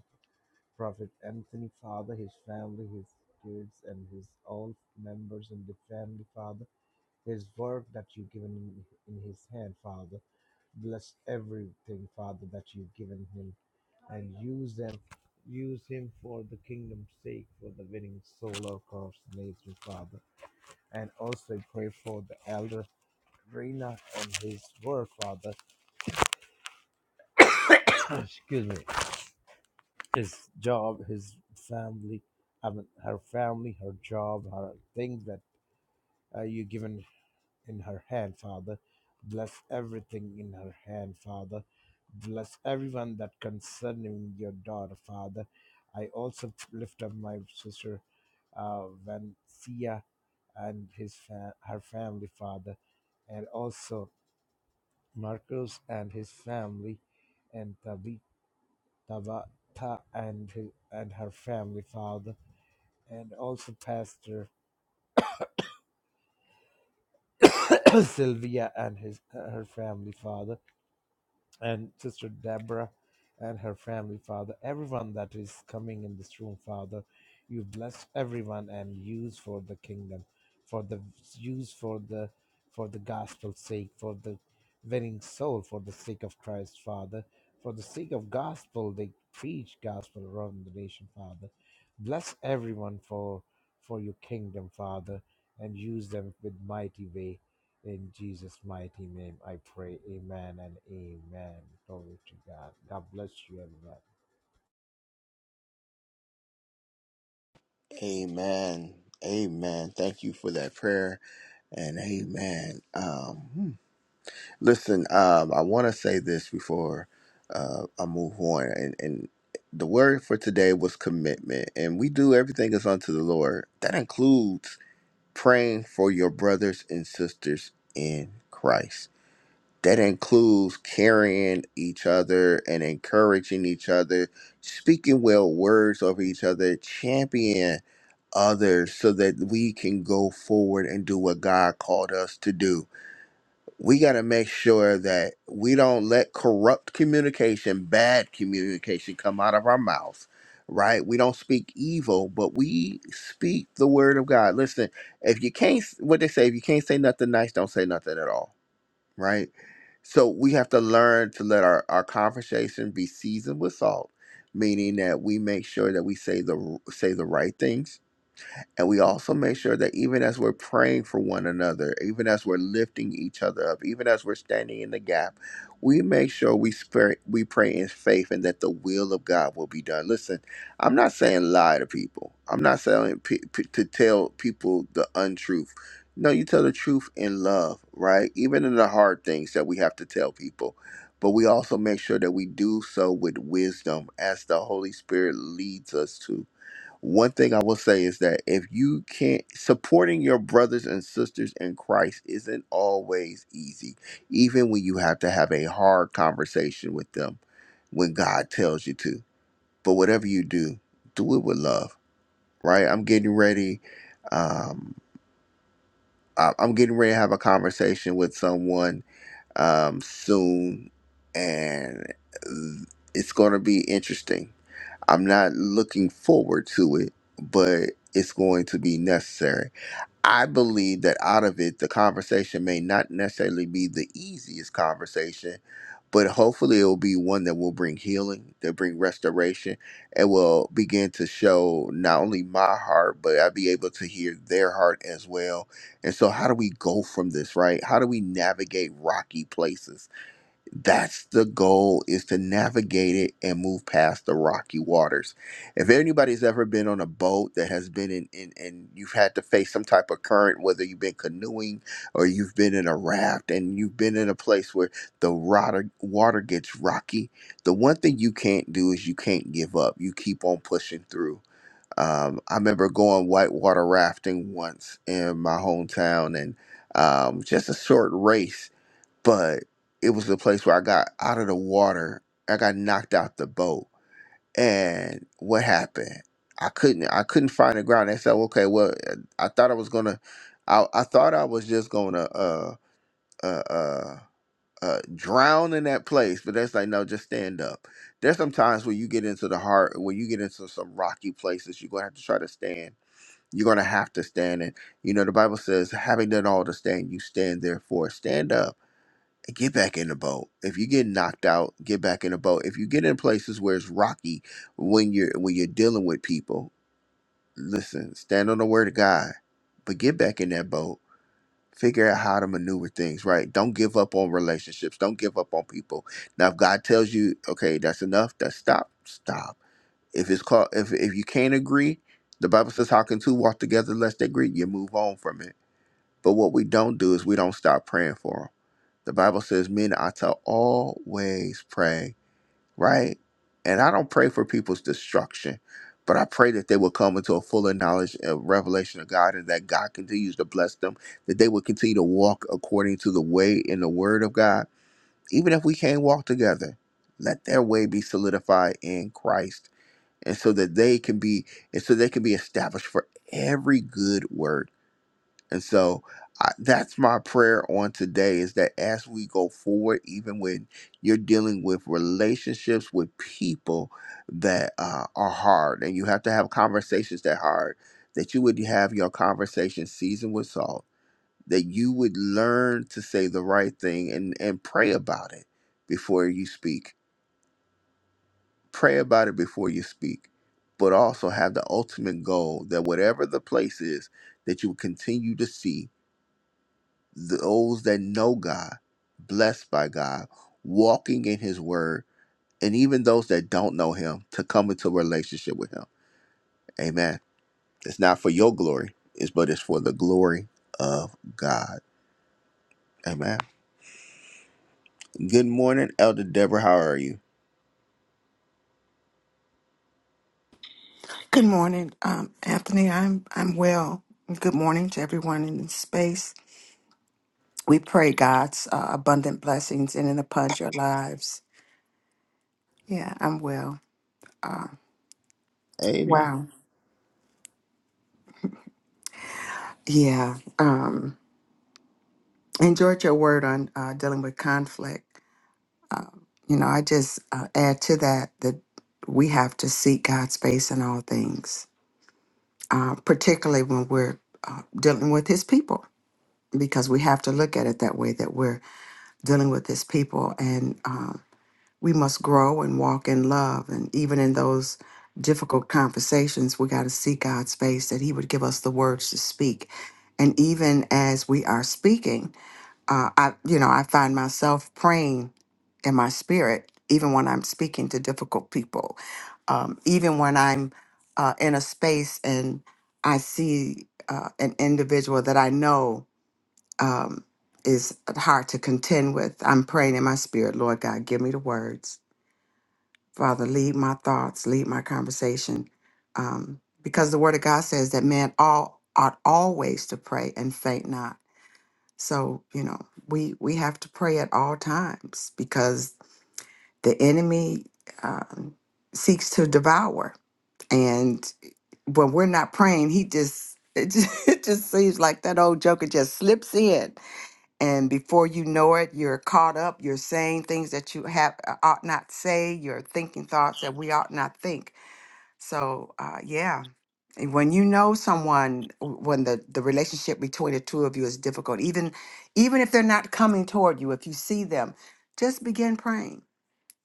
Speaker 6: Prophet Anthony, Father, his family, his kids, and his all members in the family, Father. His work that you've given in, in his hand, Father. Bless everything, Father, that you've given him and use them. Use him for the kingdom's sake, for the winning soul of Christ nature, Father. And also pray for the elder Rena and his work, Father. Excuse me. His job, his family, I mean, her family, her job, her things that uh, you given in her hand, Father. Bless everything in her hand, Father. Bless everyone that concerning your daughter, Father. I also lift up my sister uh, Vancia and his fa- her family, Father, and also Marcos and his family, and Tabi- Tabata and his, and her family, Father, and also Pastor Sylvia and his her family, Father and Sister Deborah and her family, Father. Everyone that is coming in this room, Father, you bless everyone and use for the kingdom, for the use for the for the gospel's sake, for the winning soul, for the sake of Christ, Father, for the sake of gospel. They preach gospel around the nation, Father. Bless everyone for for your kingdom, Father, and use them with mighty way. In Jesus' mighty name, I pray. Amen and amen. Glory to God. God bless you, everyone.
Speaker 1: Amen. Amen. Thank you for that prayer, and amen. Um, hmm. Listen, um, I want to say this before uh, I move on, and, and the word for today was commitment, and we do everything is unto the Lord. That includes praying for your brothers and sisters in Christ. That includes carrying each other and encouraging each other, speaking well words over each other, champion others so that we can go forward and do what God called us to do we got to make sure that we don't let corrupt communication, bad communication come out of our mouth, right? We don't speak evil, but we speak the word of God. Listen, if you can't, what they say, if you can't say nothing nice, don't say nothing at all, right? So we have to learn to let our, our conversation be seasoned with salt, meaning that we make sure that we say the say the right things and we also make sure that even as we're praying for one another, even as we're lifting each other up, even as we're standing in the gap, we make sure we spare, we pray in faith and that the will of God will be done. Listen, I'm not saying lie to people. I'm not saying pe- pe- to tell people the untruth. No, you tell the truth in love, right? Even in the hard things that we have to tell people. But we also make sure that we do so with wisdom as the Holy Spirit leads us to one thing I will say is that if you can't supporting your brothers and sisters in Christ isn't always easy, even when you have to have a hard conversation with them when God tells you to. But whatever you do, do it with love, right? I'm getting ready. Um, I- I'm getting ready to have a conversation with someone um, soon, and it's going to be interesting I'm not looking forward to it, but it's going to be necessary. I believe that out of it, the conversation may not necessarily be the easiest conversation, but hopefully it will be one that will bring healing, that bring restoration, and will begin to show not only my heart, but I'll be able to hear their heart as well. And so, how do we go from this, right? How do we navigate rocky places? that's the goal is to navigate it and move past the rocky waters if anybody's ever been on a boat that has been in, in and you've had to face some type of current whether you've been canoeing or you've been in a raft and you've been in a place where the water water gets rocky the one thing you can't do is you can't give up you keep on pushing through um, i remember going whitewater rafting once in my hometown and um, just a short race but it was the place where I got out of the water. I got knocked out the boat, and what happened? I couldn't. I couldn't find the ground. They said, "Okay, well, I thought I was gonna. I I thought I was just gonna uh uh uh." Uh, drown in that place, but that's like no, just stand up. There's some times where you get into the heart, when you get into some rocky places, you're gonna have to try to stand. You're gonna have to stand, and you know the Bible says, having done all to stand, you stand therefore, stand up get back in the boat. If you get knocked out, get back in the boat. If you get in places where it's rocky when you're when you're dealing with people, listen, stand on the word of God, but get back in that boat. Figure out how to maneuver things, right? Don't give up on relationships. Don't give up on people. Now, if God tells you, okay, that's enough, that's stop, stop. If it's called, if if you can't agree, the Bible says, how can two walk together lest they agree? You move on from it but what we don't do is we don't stop praying for them. The Bible says men are to always pray, right? And I don't pray for people's destruction, but I pray that they will come into a fuller knowledge and revelation of God and that God continues to bless them, that they will continue to walk according to the way in the word of God. Even if we can't walk together, let their way be solidified in Christ. And so that they can be, and so they can be established for every good word. And so I, that's my prayer on today is that as we go forward, even when you're dealing with relationships with people that uh, are hard and you have to have conversations that hard, that you would have your conversation seasoned with salt, that you would learn to say the right thing and, and pray about it before you speak. Pray about it before you speak, but also have the ultimate goal that whatever the place is, that you will continue to see those that know God, blessed by God, walking in His Word, and even those that don't know Him to come into a relationship with Him. Amen. It's not for your glory, it's but it's for the glory of God. Amen. Good morning, Elder Deborah. How are you?
Speaker 7: Good morning, um, Anthony. I'm I'm well. Good morning to everyone in the space. We pray God's uh, abundant blessings in and upon your lives. Yeah, I'm well. Uh,
Speaker 1: Amen.
Speaker 7: wow. Yeah. Um, enjoyed your word on uh, dealing with conflict. Uh, you know, I just uh, add to that that we have to seek God's face in all things, uh, particularly when we're uh, dealing with His people, because we have to look at it that way. That we're dealing with his people and um, we must grow and walk in love and even in those difficult conversations we got to seek god's face that he would give us the words to speak and even as we are speaking uh, i you know i find myself praying in my spirit even when i'm speaking to difficult people um, even when i'm uh, in a space and i see uh, an individual that i know um, is hard to contend with. I'm praying in my spirit, Lord God, give me the words. Father, lead my thoughts, lead my conversation. Um, because the word of God says that man all ought always to pray and faint not. So, you know, we we have to pray at all times because the enemy um, seeks to devour. And when we're not praying, he just it, just it just seems like that old joker just slips in and before you know it you're caught up you're saying things that you have uh, ought not say you're thinking thoughts that we ought not think so uh, yeah And when you know someone w- when the, the relationship between the two of you is difficult even even if they're not coming toward you if you see them just begin praying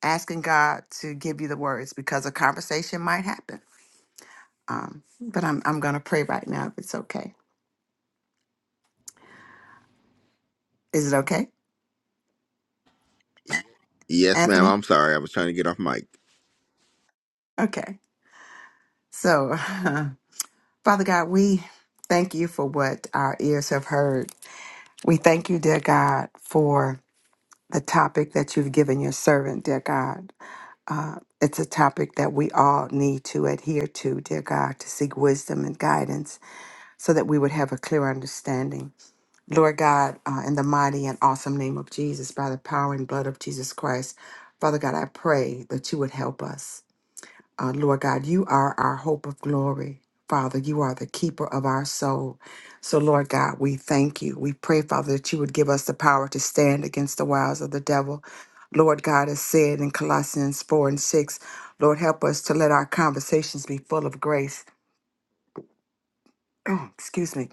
Speaker 7: asking god to give you the words because a conversation might happen um, but i'm, I'm going to pray right now if it's okay is it okay
Speaker 1: Yes, ma'am.
Speaker 7: anthony
Speaker 1: I'm sorry. I was trying to get off mic.
Speaker 7: okay so Father God, we thank you for what our ears have heard. We thank you, dear God, for the topic that you've given your servant, dear God. Uh, it's a topic that we all need to adhere to, dear God, to seek wisdom and guidance so that we would have a clear understanding. Lord God, uh, in the mighty and awesome name of Jesus, by the power and blood of Jesus Christ, Father God, I pray that you would help us. Uh, Lord God, you are our hope of glory. Father, you are the keeper of our soul. So, Lord God, we thank you. We pray, Father, that you would give us the power to stand against the wiles of the devil. Lord God, as said in Colossians 4 and 6, Lord, help us to let our conversations be full of grace, excuse me,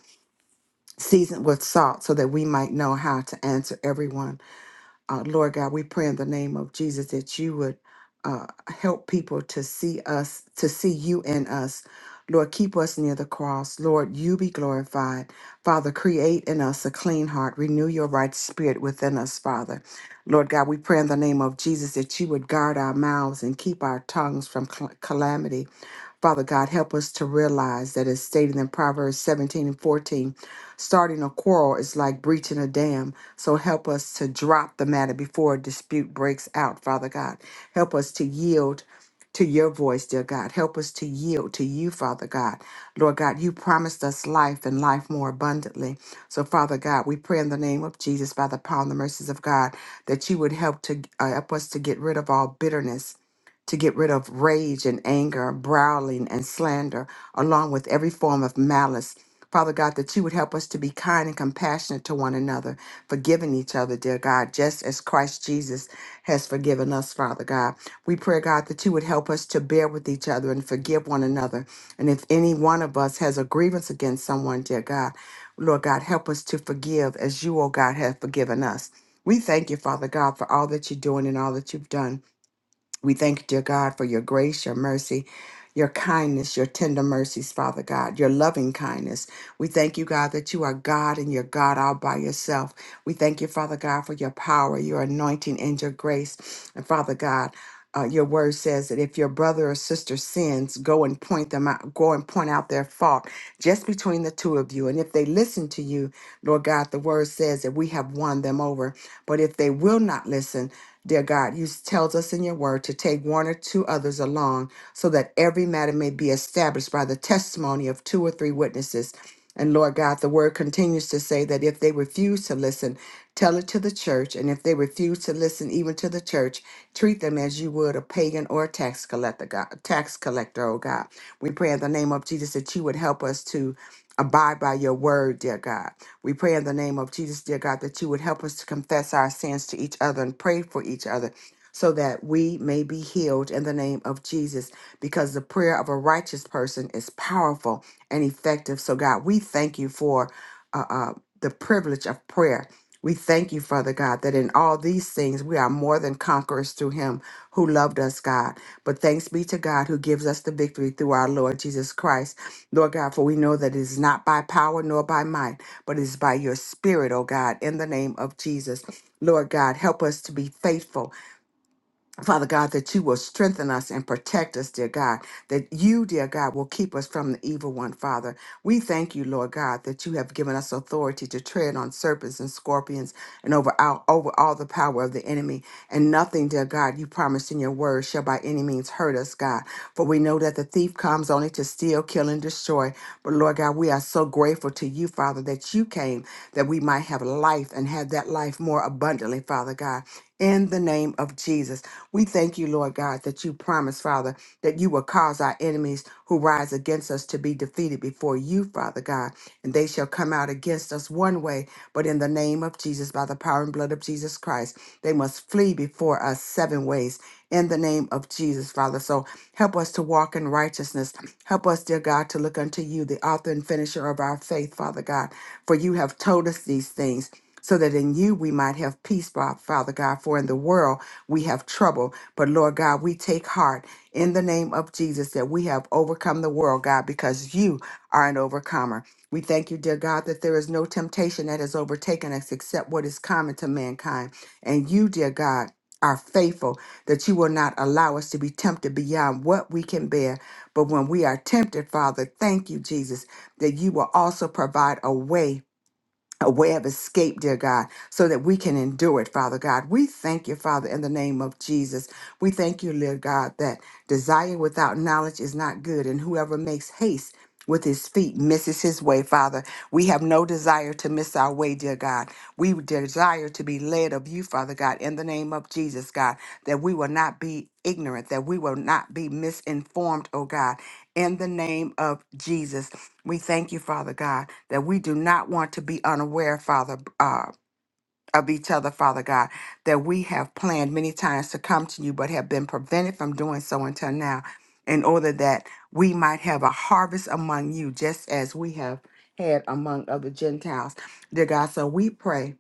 Speaker 7: seasoned with salt, so that we might know how to answer everyone. Uh, Lord God, we pray in the name of Jesus that you would uh, help people to see us, to see you in us. Lord, keep us near the cross. Lord, you be glorified. Father, create in us a clean heart. Renew your right spirit within us, Father. Lord God, we pray in the name of Jesus that you would guard our mouths and keep our tongues from cal- calamity. Father God, help us to realize that, as stated in Proverbs 17 and 14, starting a quarrel is like breaching a dam. So help us to drop the matter before a dispute breaks out, Father God. Help us to yield to your voice, dear God. Help us to yield to you, Father God. Lord God, you promised us life and life more abundantly. So, Father God, we pray in the name of Jesus, by the power and the mercies of God, that you would help to uh, help us to get rid of all bitterness to get rid of rage and anger, growling and slander, along with every form of malice. Father God, that you would help us to be kind and compassionate to one another, forgiving each other, dear God, just as Christ Jesus has forgiven us, Father God. We pray, God, that you would help us to bear with each other and forgive one another. And if any one of us has a grievance against someone, dear God, Lord God, help us to forgive as you, oh God, have forgiven us. We thank you, Father God, for all that you're doing and all that you've done. We thank you, dear God, for your grace, your mercy, your kindness, your tender mercies, Father God, your loving kindness. We thank you, God, that you are God and you're God all by yourself. We thank you, Father God, for your power, your anointing, and your grace. And Father God, uh, your word says that if your brother or sister sins, go and point them out, go and point out their fault just between the two of you. And if they listen to you, Lord God, the word says that we have won them over. But if they will not listen, dear God, you tells us in your word to take one or two others along so that every matter may be established by the testimony of two or three witnesses. And Lord God, the word continues to say that if they refuse to listen, tell it to the church. And if they refuse to listen even to the church, treat them as you would a pagan or a tax collector, God, tax collector, oh God. We pray in the name of Jesus that you would help us to abide by your word, dear God. We pray in the name of Jesus, dear God, that you would help us to confess our sins to each other and pray for each other so that we may be healed in the name of Jesus, because the prayer of a righteous person is powerful and effective. So, God, we thank you for uh, uh, the privilege of prayer. We thank you, Father God, that in all these things we are more than conquerors through Him who loved us, God. But thanks be to God who gives us the victory through our Lord Jesus Christ. Lord God, for we know that it is not by power nor by might, but it is by your Spirit, O God, in the name of Jesus. Lord God, help us to be faithful Father God, that you will strengthen us and protect us, dear God, that you, dear God, will keep us from the evil one, Father. We thank you, Lord God, that you have given us authority to tread on serpents and scorpions and over all, over all the power of the enemy. And nothing, dear God, you promised in your word shall by any means hurt us, God. For we know that the thief comes only to steal, kill, and destroy. But Lord God, we are so grateful to you, Father, that you came that we might have life and have that life more abundantly, Father God in the name of Jesus. We thank you, Lord God, that you promise, Father, that you will cause our enemies who rise against us to be defeated before you, Father God, and they shall come out against us one way, but in the name of Jesus, by the power and blood of Jesus Christ, they must flee before us seven ways in the name of Jesus, Father. So help us to walk in righteousness. Help us, dear God, to look unto you, the author and finisher of our faith, Father God, for you have told us these things so that in you we might have peace, Fa- Father God. For in the world we have trouble, but Lord God, we take heart in the name of Jesus that we have overcome the world, God, because you are an overcomer. We thank you, dear God, that there is no temptation that has overtaken us except what is common to mankind. And you, dear God, are faithful that you will not allow us to be tempted beyond what we can bear. But when we are tempted, Father, thank you, Jesus, that you will also provide a way a way of escape, dear God, so that we can endure it, Father God. We thank you, Father, in the name of Jesus. We thank you, dear God, that desire without knowledge is not good, and whoever makes haste with his feet misses his way, Father. We have no desire to miss our way, dear God. We desire to be led of you, Father God, in the name of Jesus, God, that we will not be ignorant, that we will not be misinformed, oh God, in the name of Jesus. We thank you, Father God that we do not want to be unaware, Father, uh, of each other, Father God, that we have planned many times to come to you, but have been prevented from doing so until now, in order that we might have a harvest among you, just as we have had among other Gentiles. Dear God, so we pray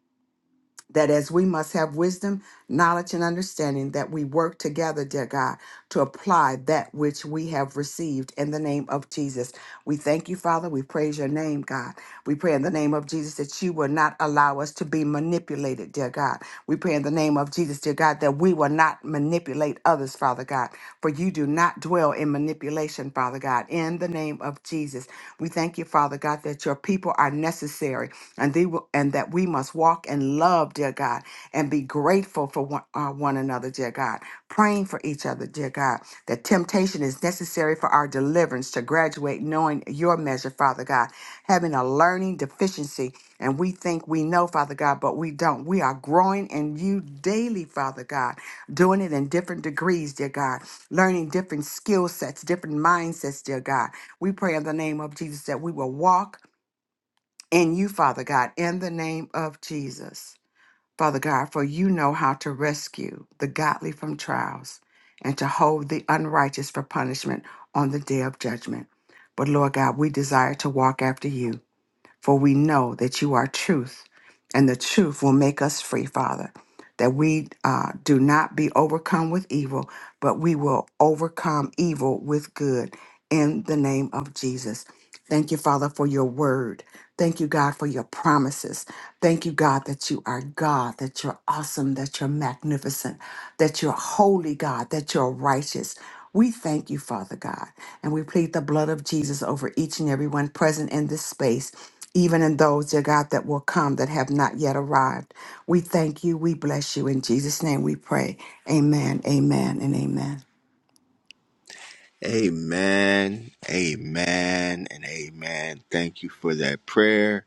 Speaker 7: that as we must have wisdom, knowledge, and understanding, that we work together, dear God to apply that which we have received in the name of Jesus. We thank you, Father. We praise your name, God. We pray in the name of Jesus that you will not allow us to be manipulated, dear God. We pray in the name of Jesus, dear God, that we will not manipulate others, Father God, for you do not dwell in manipulation, Father God, in the name of Jesus. We thank you, Father God, that your people are necessary and they will, and that we must walk in love, dear God, and be grateful for one, uh, one another, dear God praying for each other, dear God, that temptation is necessary for our deliverance to graduate knowing your measure, Father God, having a learning deficiency. And we think we know, Father God, but we don't. We are growing in you daily, Father God, doing it in different degrees, dear God, learning different skill sets, different mindsets, dear God. We pray in the name of Jesus that we will walk in you, Father God, in the name of Jesus. Father God, for you know how to rescue the godly from trials and to hold the unrighteous for punishment on the day of judgment. But Lord God, we desire to walk after you, for we know that you are truth, and the truth will make us free, Father. That we uh, do not be overcome with evil, but we will overcome evil with good in the name of Jesus. Thank you, Father, for your word. Thank you, God, for your promises. Thank you, God, that you are God, that you're awesome, that you're magnificent, that you're holy, God, that you're righteous. We thank you, Father God, and we plead the blood of Jesus over each and every one present in this space, even in those, dear God, that will come that have not yet arrived. We thank you. We bless you. In Jesus' name we pray. Amen, amen, and amen.
Speaker 1: Amen, amen, and amen. Thank you for that prayer.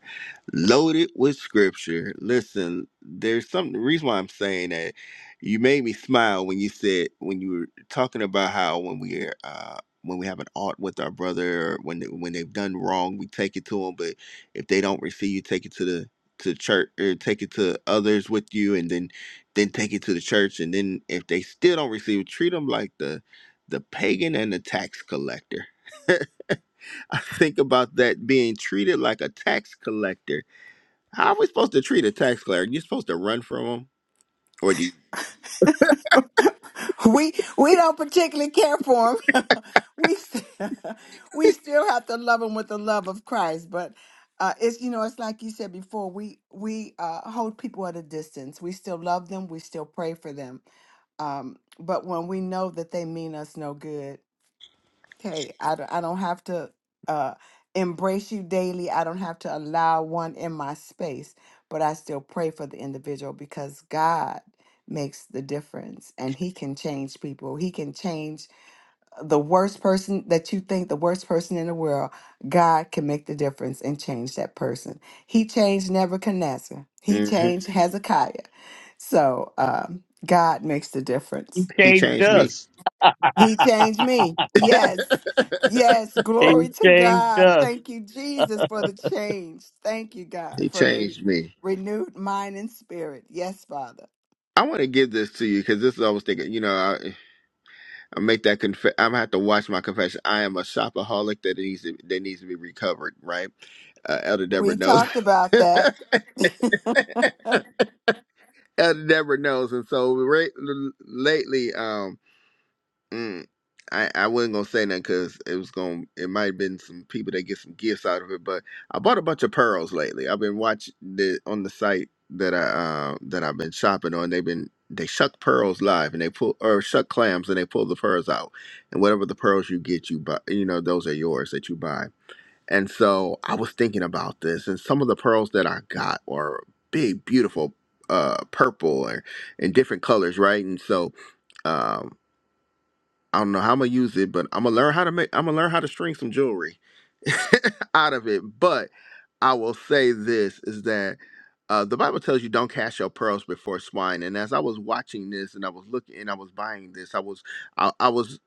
Speaker 1: Loaded with scripture. Listen, there's some the reason why I'm saying that you made me smile when you said when you were talking about how when we uh when we have an art with our brother or when they, when they've done wrong, we take it to them, but if they don't receive you, take it to the to church or take it to others with you and then then take it to the church and then if they still don't receive it, treat them like the the pagan and the tax collector. Think about that being treated like a tax collector. How are we supposed to treat a tax collector? You're supposed to run from him, or do you?
Speaker 7: We we don't particularly care for them. we st- we still have to love them with the love of Christ, but uh, it's you know it's like you said before. We we uh, hold people at a distance. We still love them. We still pray for them. Um, but when we know that they mean us no good, Hey, I don't, I don't have to uh, embrace you daily. I don't have to allow one in my space, but I still pray for the individual because God makes the difference and He can change people. He can change the worst person that you think, the worst person in the world. God can make the difference and change that person. He changed Nebuchadnezzar, He
Speaker 1: Mhm.
Speaker 7: changed Hezekiah. So um, God makes the
Speaker 5: He
Speaker 7: difference.
Speaker 1: He
Speaker 5: changed
Speaker 1: changed me.
Speaker 5: us.
Speaker 7: He changed me. Yes. Yes.
Speaker 5: He
Speaker 7: Glory to
Speaker 5: changed
Speaker 7: God.
Speaker 5: us.
Speaker 7: Thank you, Jesus, for the change. Thank you, God,
Speaker 1: he
Speaker 7: for the
Speaker 1: changed me.
Speaker 7: renewed mind and spirit. Yes, Father.
Speaker 1: I want to give this to you because this is I was thinking. You know, I, I make that confess. I'm gonna have to watch my confession. I am a shopaholic that needs to, that needs to be recovered. Right, uh, Elder
Speaker 7: We
Speaker 1: Deborah knows.
Speaker 7: talked about that. and,
Speaker 1: Elder Deborah knows, and so right, l- lately, um, Mm, I, I wasn't gonna say that because it was going to it might have been some people that get some gifts out of it, but I bought a bunch of pearls lately. I've been watching the on the site that I uh, that I've been shopping on. They've been they shuck pearls live and they pull or shuck clams and they pull the pearls out, and whatever the pearls you get, you buy. You know those are yours that you buy. And so I was thinking about this, and some of the pearls that I got are big, beautiful, uh, purple or in different colors, right? And so um. I don't know how I'm gonna use it, but I'm gonna learn how to make. I'm gonna learn how to string some jewelry out of it. But I will say this is that uh, the Bible tells you don't cast your pearls before swine. And as I was watching this, and I was looking, and I was buying this, I was, I, I was,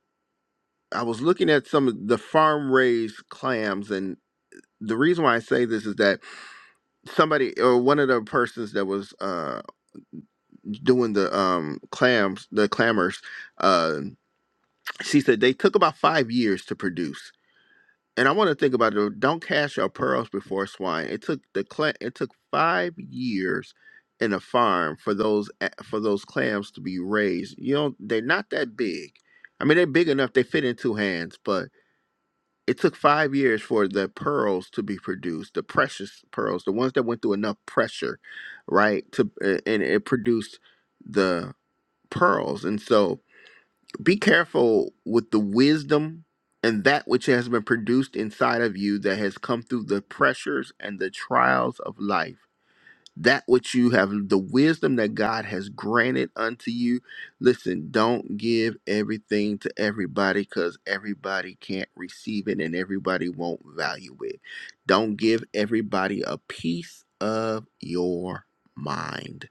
Speaker 1: I was looking at some of the farm raised clams, and the reason why I say this is that somebody or one of the persons that was uh, doing the um, clams, the clammers, uh, she said they took about five years to produce And I want to think about it. Don't cast your pearls before swine. It took the cla- it took five years in a farm for those a- for those clams to be raised. You know they're not that big. I mean they're big enough they fit in two hands, but it took five years for the pearls to be produced, the precious pearls, the ones that went through enough pressure, right? To a- and it produced the pearls, and so be careful with the wisdom and that which has been produced inside of you that has come through the pressures and the trials of life. That which you have, the wisdom that God has granted unto you. Listen, don't give everything to everybody because everybody can't receive it and everybody won't value it. Don't give everybody a piece of your mind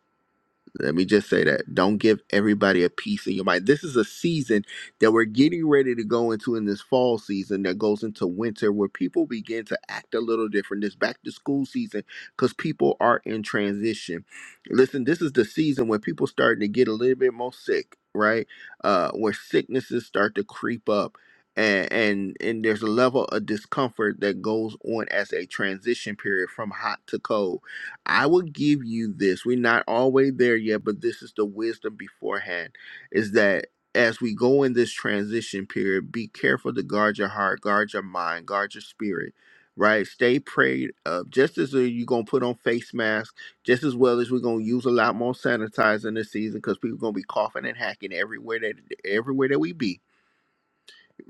Speaker 1: let me just say that. Don't give everybody a piece in your mind. This is a season that we're getting ready to go into in this fall season that goes into winter where people begin to act a little different. This back to school season because people are in transition. Listen, this is the season when people starting to get a little bit more sick, right? Uh, where sicknesses start to creep up. And, and and there's a level of discomfort that goes on as a transition period from hot to cold I will give you this. We're not always there yet, but this is the wisdom beforehand is that as we go in this transition period, be careful to guard your heart, guard your mind, guard your spirit, right? Stay prayed up. Just as you're going to put on face masks, just as well as we're going to use a lot more sanitizer this season because people going to be coughing and hacking everywhere that, everywhere that we be.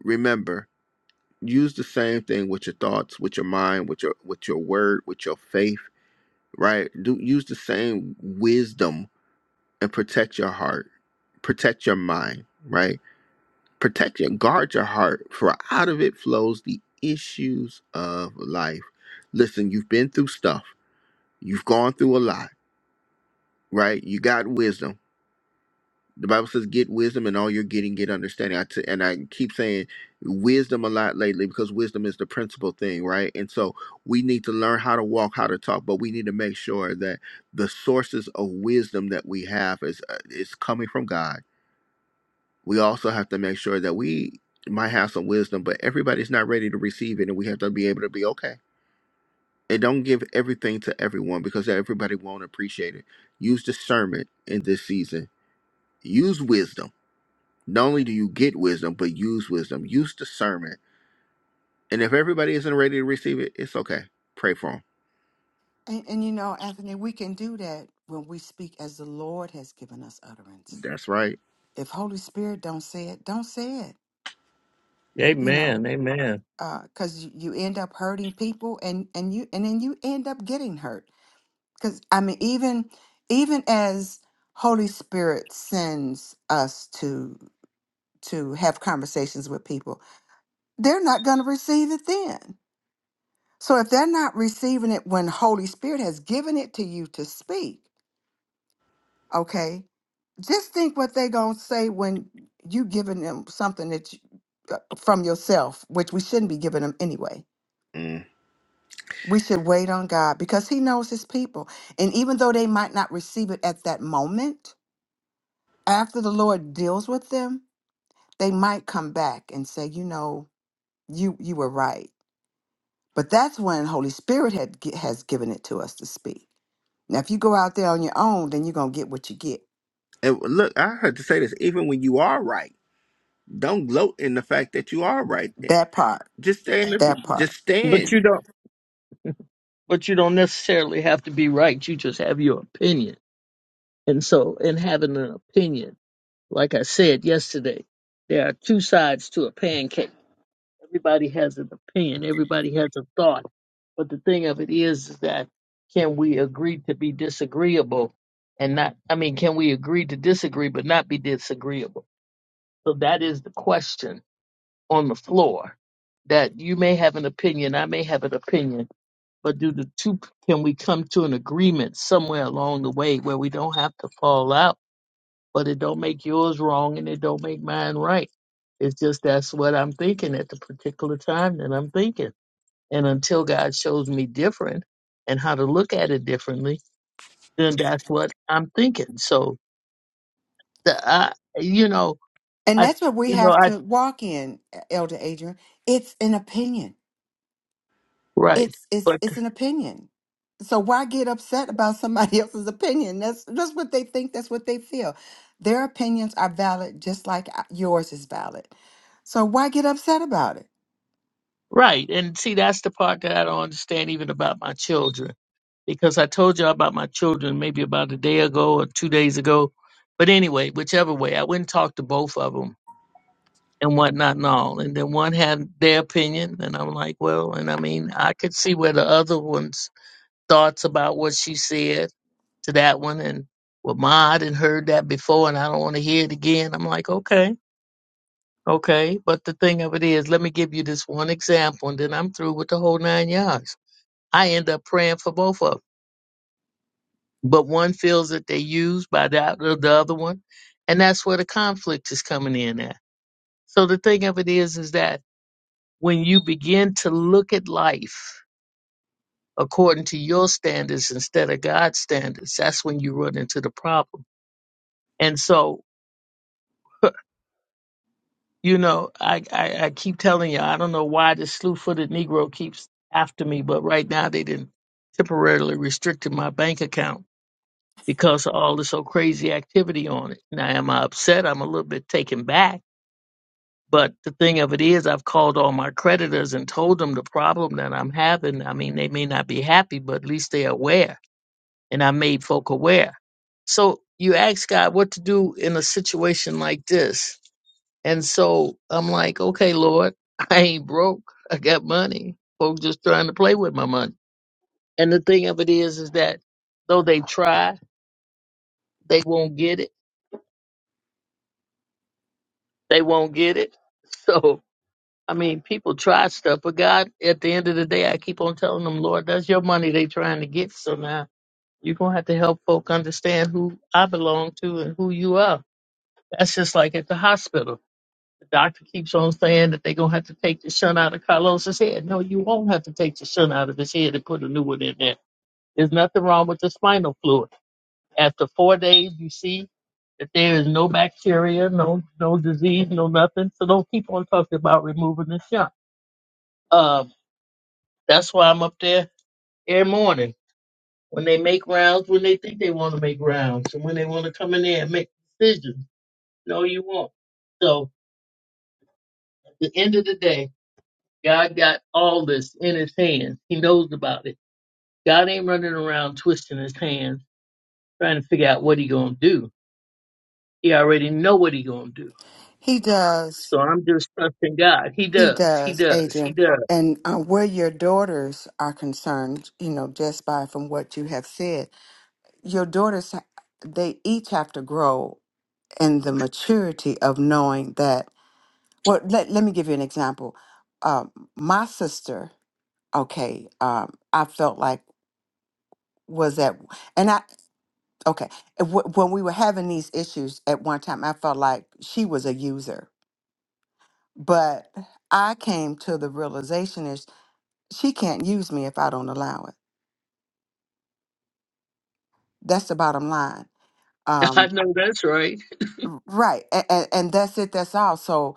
Speaker 1: Remember, use the same thing with your thoughts, with your mind, with your, with your word, with your faith right? Do use the same wisdom and protect your heart, protect your mind, right? Protect your guard your heart, for out of it flows the issues of life. Listen, you've been through stuff, you've gone through a lot, right? You got wisdom The Bible says, "Get wisdom, and all you're getting, get understanding." I t- and I keep saying wisdom a lot lately because wisdom is the principal thing, right? And so we need to learn how to walk, how to talk, but we need to make sure that the sources of wisdom that we have is uh, is coming from God. We also have to make sure that we might have some wisdom, but everybody's not ready to receive it, and we have to be able to be okay. And don't give everything to everyone because everybody won't appreciate it. Use discernment in this season. Use wisdom not only do you get wisdom, but use wisdom, use discernment. And if everybody isn't ready to receive it, it's okay. Pray for them.
Speaker 7: and you know, Anthony, we can do that when we speak as the Lord has given us utterance.
Speaker 1: That's right.
Speaker 7: If Holy Spirit don't say it, don't say it. You
Speaker 5: Amen.
Speaker 7: know,
Speaker 5: Amen.
Speaker 7: because you, you end up hurting people, and and you and then you end up getting hurt because I mean, even even as Holy Spirit sends us to to have conversations with people, they're not going to receive it then. So if they're not receiving it when Holy Spirit has given it to you to speak, okay, just think what they're going to say when you giving them something that you, uh, from yourself, which we shouldn't be giving them anyway.
Speaker 1: Mm.
Speaker 7: We should wait on God because He knows His people, and even though they might not receive it at that moment after the Lord deals with them, they might come back and say, you know, you you were right. But that's when Holy Spirit had gi- has given it to us to speak. Now, if you go out there on your own, then you're gonna get what you get.
Speaker 1: And look, I had to say this: even when you are right, don't gloat in the fact that you are right. Eh,
Speaker 7: That part,
Speaker 1: Just stand.
Speaker 7: that
Speaker 1: Just
Speaker 7: part,
Speaker 5: But you
Speaker 1: stand.
Speaker 5: don't but you don't necessarily have to be right. You just have your opinion. And so in having an opinion, like I said yesterday, there are two sides to a pancake. Everybody has an opinion, everybody has a thought. But the thing of it is, is that can we agree to be disagreeable and not I mean, can we agree to disagree but not be disagreeable? So that is the question on the floor that you may have an opinion, I may have an opinion, but do the two can we come to an agreement somewhere along the way where we don't have to fall out, but it don't make yours wrong and it don't make mine right. It's just that's what I'm thinking at the particular time that I'm thinking. And until God shows me different and how to look at it differently, then that's what I'm thinking. So the I you know,
Speaker 7: and
Speaker 5: I
Speaker 7: that's what we
Speaker 5: you know,
Speaker 7: have
Speaker 5: I
Speaker 7: to walk in, E, Elder Adrian. It's an opinion.
Speaker 5: right.
Speaker 7: it's it's
Speaker 5: but.
Speaker 7: it's an opinion. So why get upset about somebody else's opinion? That's that's what they think. That's what they feel. Their opinions are valid, just like uh, yours is valid. So why get upset about it?
Speaker 5: Right. And see, that's the part that I don't understand even about my children. Because I told you about my children maybe about a day ago or two days ago. But anyway, whichever way, I went and talked to both of them and whatnot and all. And then one had their opinion. And I'm like, well, and I mean, I could see where the other one's thoughts about what she said to that one. And well, Ma, I didn't heard that before and I don't want to hear it again. I'm like, okay, okay. But the thing of it is, let me give you this one example and then I'm through with the whole nine yards I end up praying for both of them. But one feels that they're used by the, the other one. And that's where the conflict is coming in at. So the thing of it is, is that when you begin to look at life according to your standards instead of God's standards, that's when you run into the problem. And so, you know, I, I, I keep telling you, I don't know why this slew footed Negro keeps after me, but right now they didn't temporarily restricted my bank account because of all this so crazy activity on it. Now, am I upset? I'm a little bit taken back. But the thing of it is, I've called all my creditors and told them the problem that I'm having. I mean, they may not be happy, but at least they're aware. And I made folk aware. So you ask God what to do in a situation like this. And so I'm like, okay, Lord, I ain't broke. I got money. Folks just trying to play with my money. And the thing of it is, is that though they try, they won't get it They won't get it. So, I mean, people try stuff, but God, at the end of the day, I keep on telling them, Lord, that's your money they trying to get. So now you're going to have to help folk understand who I belong to and who you are. That's just like at the hospital. The doctor keeps on saying that they're going to have to take the shunt out of Carlos's head. No, you won't have to take the shunt out of his head and put a new one in there. There's nothing wrong with the spinal fluid. After four days, you see that there is no bacteria, no no disease, no nothing. So don't keep on talking about removing the shot. Um, that's why I'm up there every morning when they make rounds, when they think they want to make rounds, and when they want to come in there and make decisions. No, you won't. So at the end of the day, God got all this in His hands. He knows about it. God ain't running around twisting His hands trying to figure out what He gonna do. He already know what He gonna do.
Speaker 7: He does.
Speaker 5: So I'm just trusting God. He
Speaker 7: He
Speaker 5: does. He
Speaker 7: does,
Speaker 5: does. He
Speaker 7: Adrian.
Speaker 5: does.
Speaker 7: And uh, where your daughters are concerned, you know, just by from what you have said, your daughters, they each have to grow in the maturity of knowing that. Well, let, let me give you an example. Um, my sister okay um i felt like was that and i okay w- when we were having these issues at one time i felt like she was a user but i came to the realization is she can't use me if i don't allow it that's the bottom line
Speaker 5: I
Speaker 7: um
Speaker 5: know that's right.
Speaker 7: r- right and, and that's it that's all so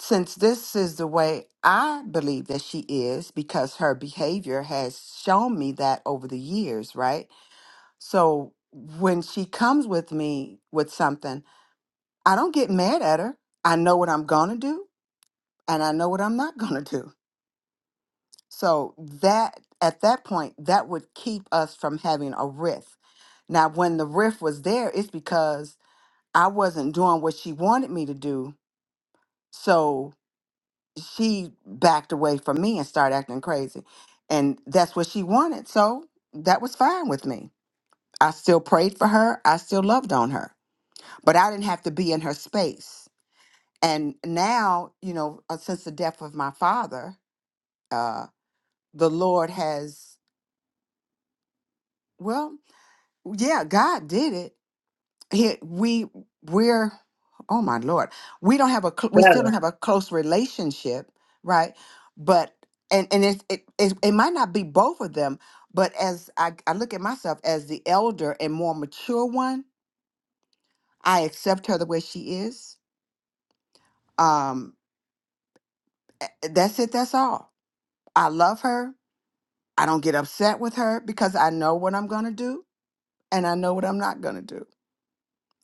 Speaker 7: since this is the way I believe that she is, because her behavior has shown me that over the years, right? So when she comes with me with something, I don't get mad at her. I know what I'm going to do and I know what I'm not going to do. So that at that point, that would keep us from having a rift. Now, when the rift was there, it's because I wasn't doing what she wanted me to do. So she backed away from me and started acting crazy. And that's what she wanted. So that was fine with me. I still prayed for her. I still loved on her. but I didn't have to be in her space. And now, you know, uh, since the death of my father, uh, the Lord has, well, yeah, God did it. He, we, we're, oh my Lord, we don't have a, cl- we still
Speaker 5: Better.
Speaker 7: don't have a close relationship, right? But, and, and it, it, it, it might not be both of them, but as I, I look at myself as the elder and more mature one, I accept her the way she is. Um, a- that's it, that's all I love her. I don't get upset with her because I know what I'm going to do and I know what I'm not going to do.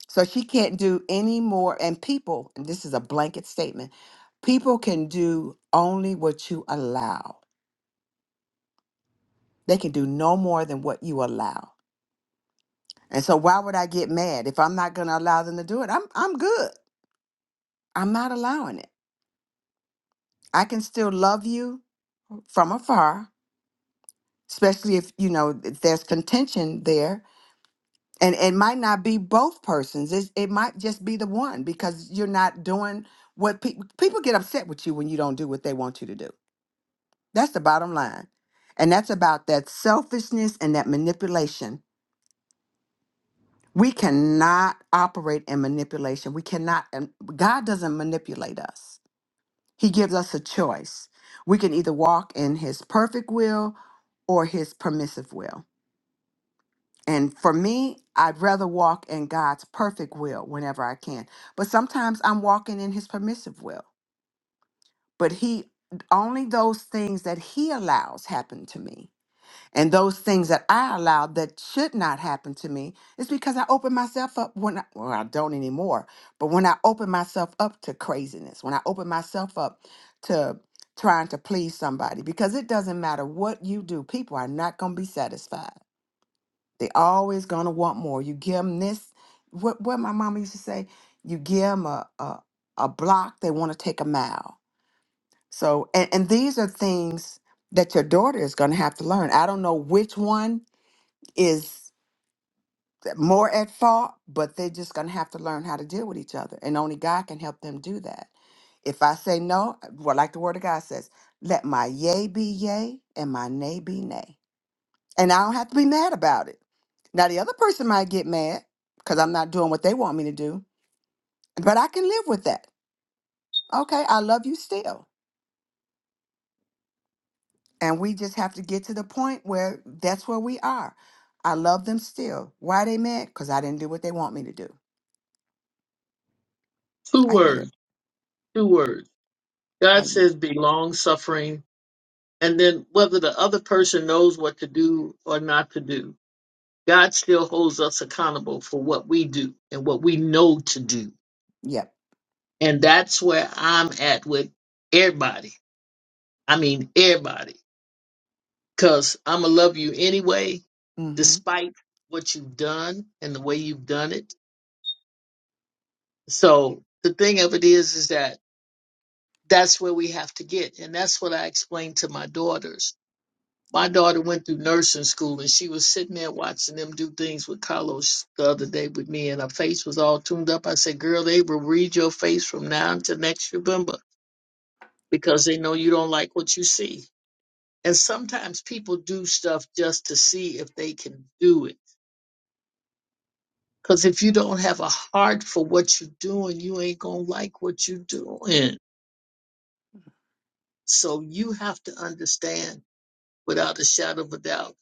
Speaker 7: So she can't do any more. And people, and this is a blanket statement people can do only what you allow, they can do no more than what you allow. And so why would I get mad if I'm not going to allow them to do it? I'm I'm good. I'm not allowing it. I can still love you from afar, especially if you know if there's contention there and it might not be both persons it's, it might just be the one because you're not doing what people people get upset with you when you don't do what they want you to do that's the bottom line and that's about that selfishness and that manipulation we cannot operate in manipulation we cannot and god doesn't manipulate us he gives us a choice we can either walk in his perfect will or his permissive will And for me, I'd rather walk in God's perfect will whenever I can. But sometimes I'm walking in his permissive will. But he only those things that he allows happen to me. And those things that I allow that should not happen to me is because I open myself up when I, well, I don't anymore, but when I open myself up to craziness, when I open myself up to trying to please somebody, because it doesn't matter what you do, people are not going to be satisfied. They always gonna want more. You give them this. What what my mama used to say. You give them a a, a block, they want to take a mile. So and and these are things that your daughter is gonna have to learn. I don't know which one is more at fault, but they're just gonna have to learn how to deal with each other, and only God can help them do that. If I say no, well, like the Word of God says, let my yea be yea and my nay be nay and I don't have to be mad about it. Now, the other person might get mad because I'm not doing what they want me to do, but I can live with that. Okay, I love you still. And we just have to get to the point where that's where we are. I love them still. Why they mad? Because I didn't do what they want me to do.
Speaker 5: Two
Speaker 7: I yield.
Speaker 5: words. Two words.
Speaker 7: I
Speaker 5: God
Speaker 7: yield.
Speaker 5: says be long suffering. And then whether the other person knows what to do or not to do, God still holds us accountable for what we do and what we know to do.
Speaker 7: Yep.
Speaker 5: And that's where I'm at with everybody. I mean, everybody. Because I'm going to love you anyway,
Speaker 7: Mm-hmm.
Speaker 5: despite what you've done and the way you've done it So the thing of it is, is that that's where we have to get. And that's what I explained to my daughters. My daughter went through nursing school and she was sitting there watching them do things with Carlos the other day with me and her face was all tuned up. I said, girl, they will read your face from now until next November because they know you don't like what you see. And sometimes people do stuff just to see if they can do it. Because if you don't have a heart for what you're doing, you ain't going to like what you're doing. So you have to understand without a shadow of a doubt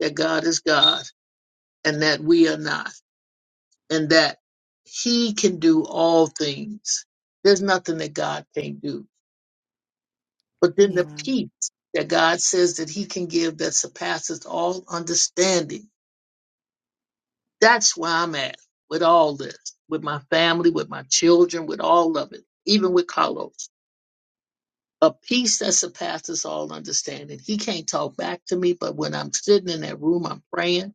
Speaker 5: that God is God and that we are not and that he can do all things. There's nothing that God can't do. But then the
Speaker 7: Yeah.
Speaker 5: peace that God says that he can give that surpasses all understanding. That's where I'm at with all this, with my family, with my children, with all of it, even with Carlos. A peace that surpasses all understanding. He can't talk back to me, but when I'm sitting in that room, I'm praying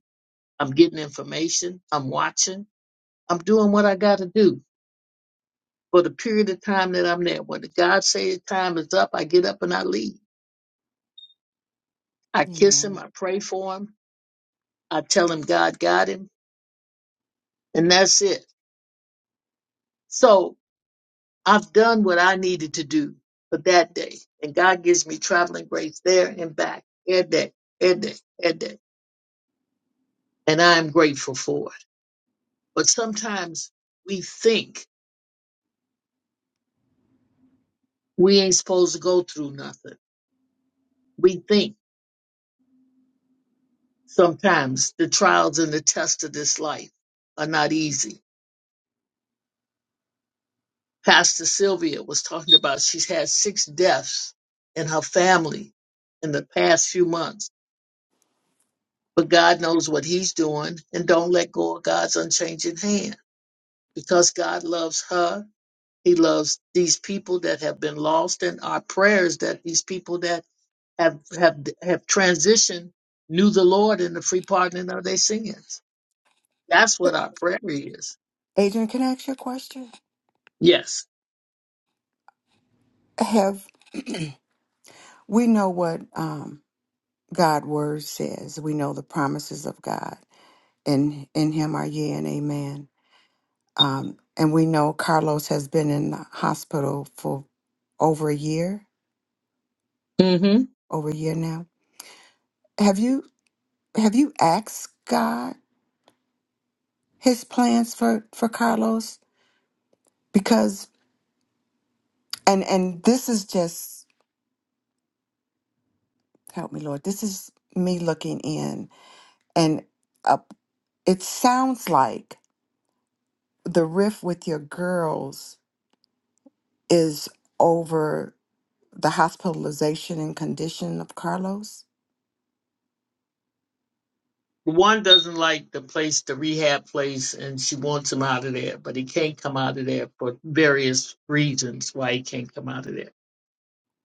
Speaker 5: I'm getting information. I'm watching. I'm doing what I got to do for the period of time that I'm there. When God says time is up, I get up and I leave. I kiss him. I
Speaker 7: Yeah.
Speaker 5: pray for him. I tell him God got him. And that's it. So I've done what I needed to do for that day. And God gives me traveling grace there and back every day, every day, every day. And I am grateful for it. But sometimes we think we ain't supposed to go through nothing. We think. Sometimes the trials and the tests of this life are not easy. Pastor Sylvia was talking about she's had six deaths in her family in the past few months, but God knows what He's doing, and don't let go of God's unchanging hand because God loves her. He loves these people that have been lost, and our prayers that these people that have have have transitioned knew the Lord in the free pardoning of their sins. That's what our prayer is.
Speaker 7: Adrian, can I ask you a question?
Speaker 5: Yes.
Speaker 7: Have we know what um, God' word says? We know the promises of God. in in him are ye and amen um and we know carlos has been in the hospital for over a year over a year now have you have you asked god his plans for for carlos because and and this is just help me lord this is me looking in and uh, it sounds like the riff with your girls is over the hospitalization and condition of carlos
Speaker 5: One doesn't like the place, the rehab place, and she wants him out of there, but he can't come out of there for various reasons why he can't come out of there.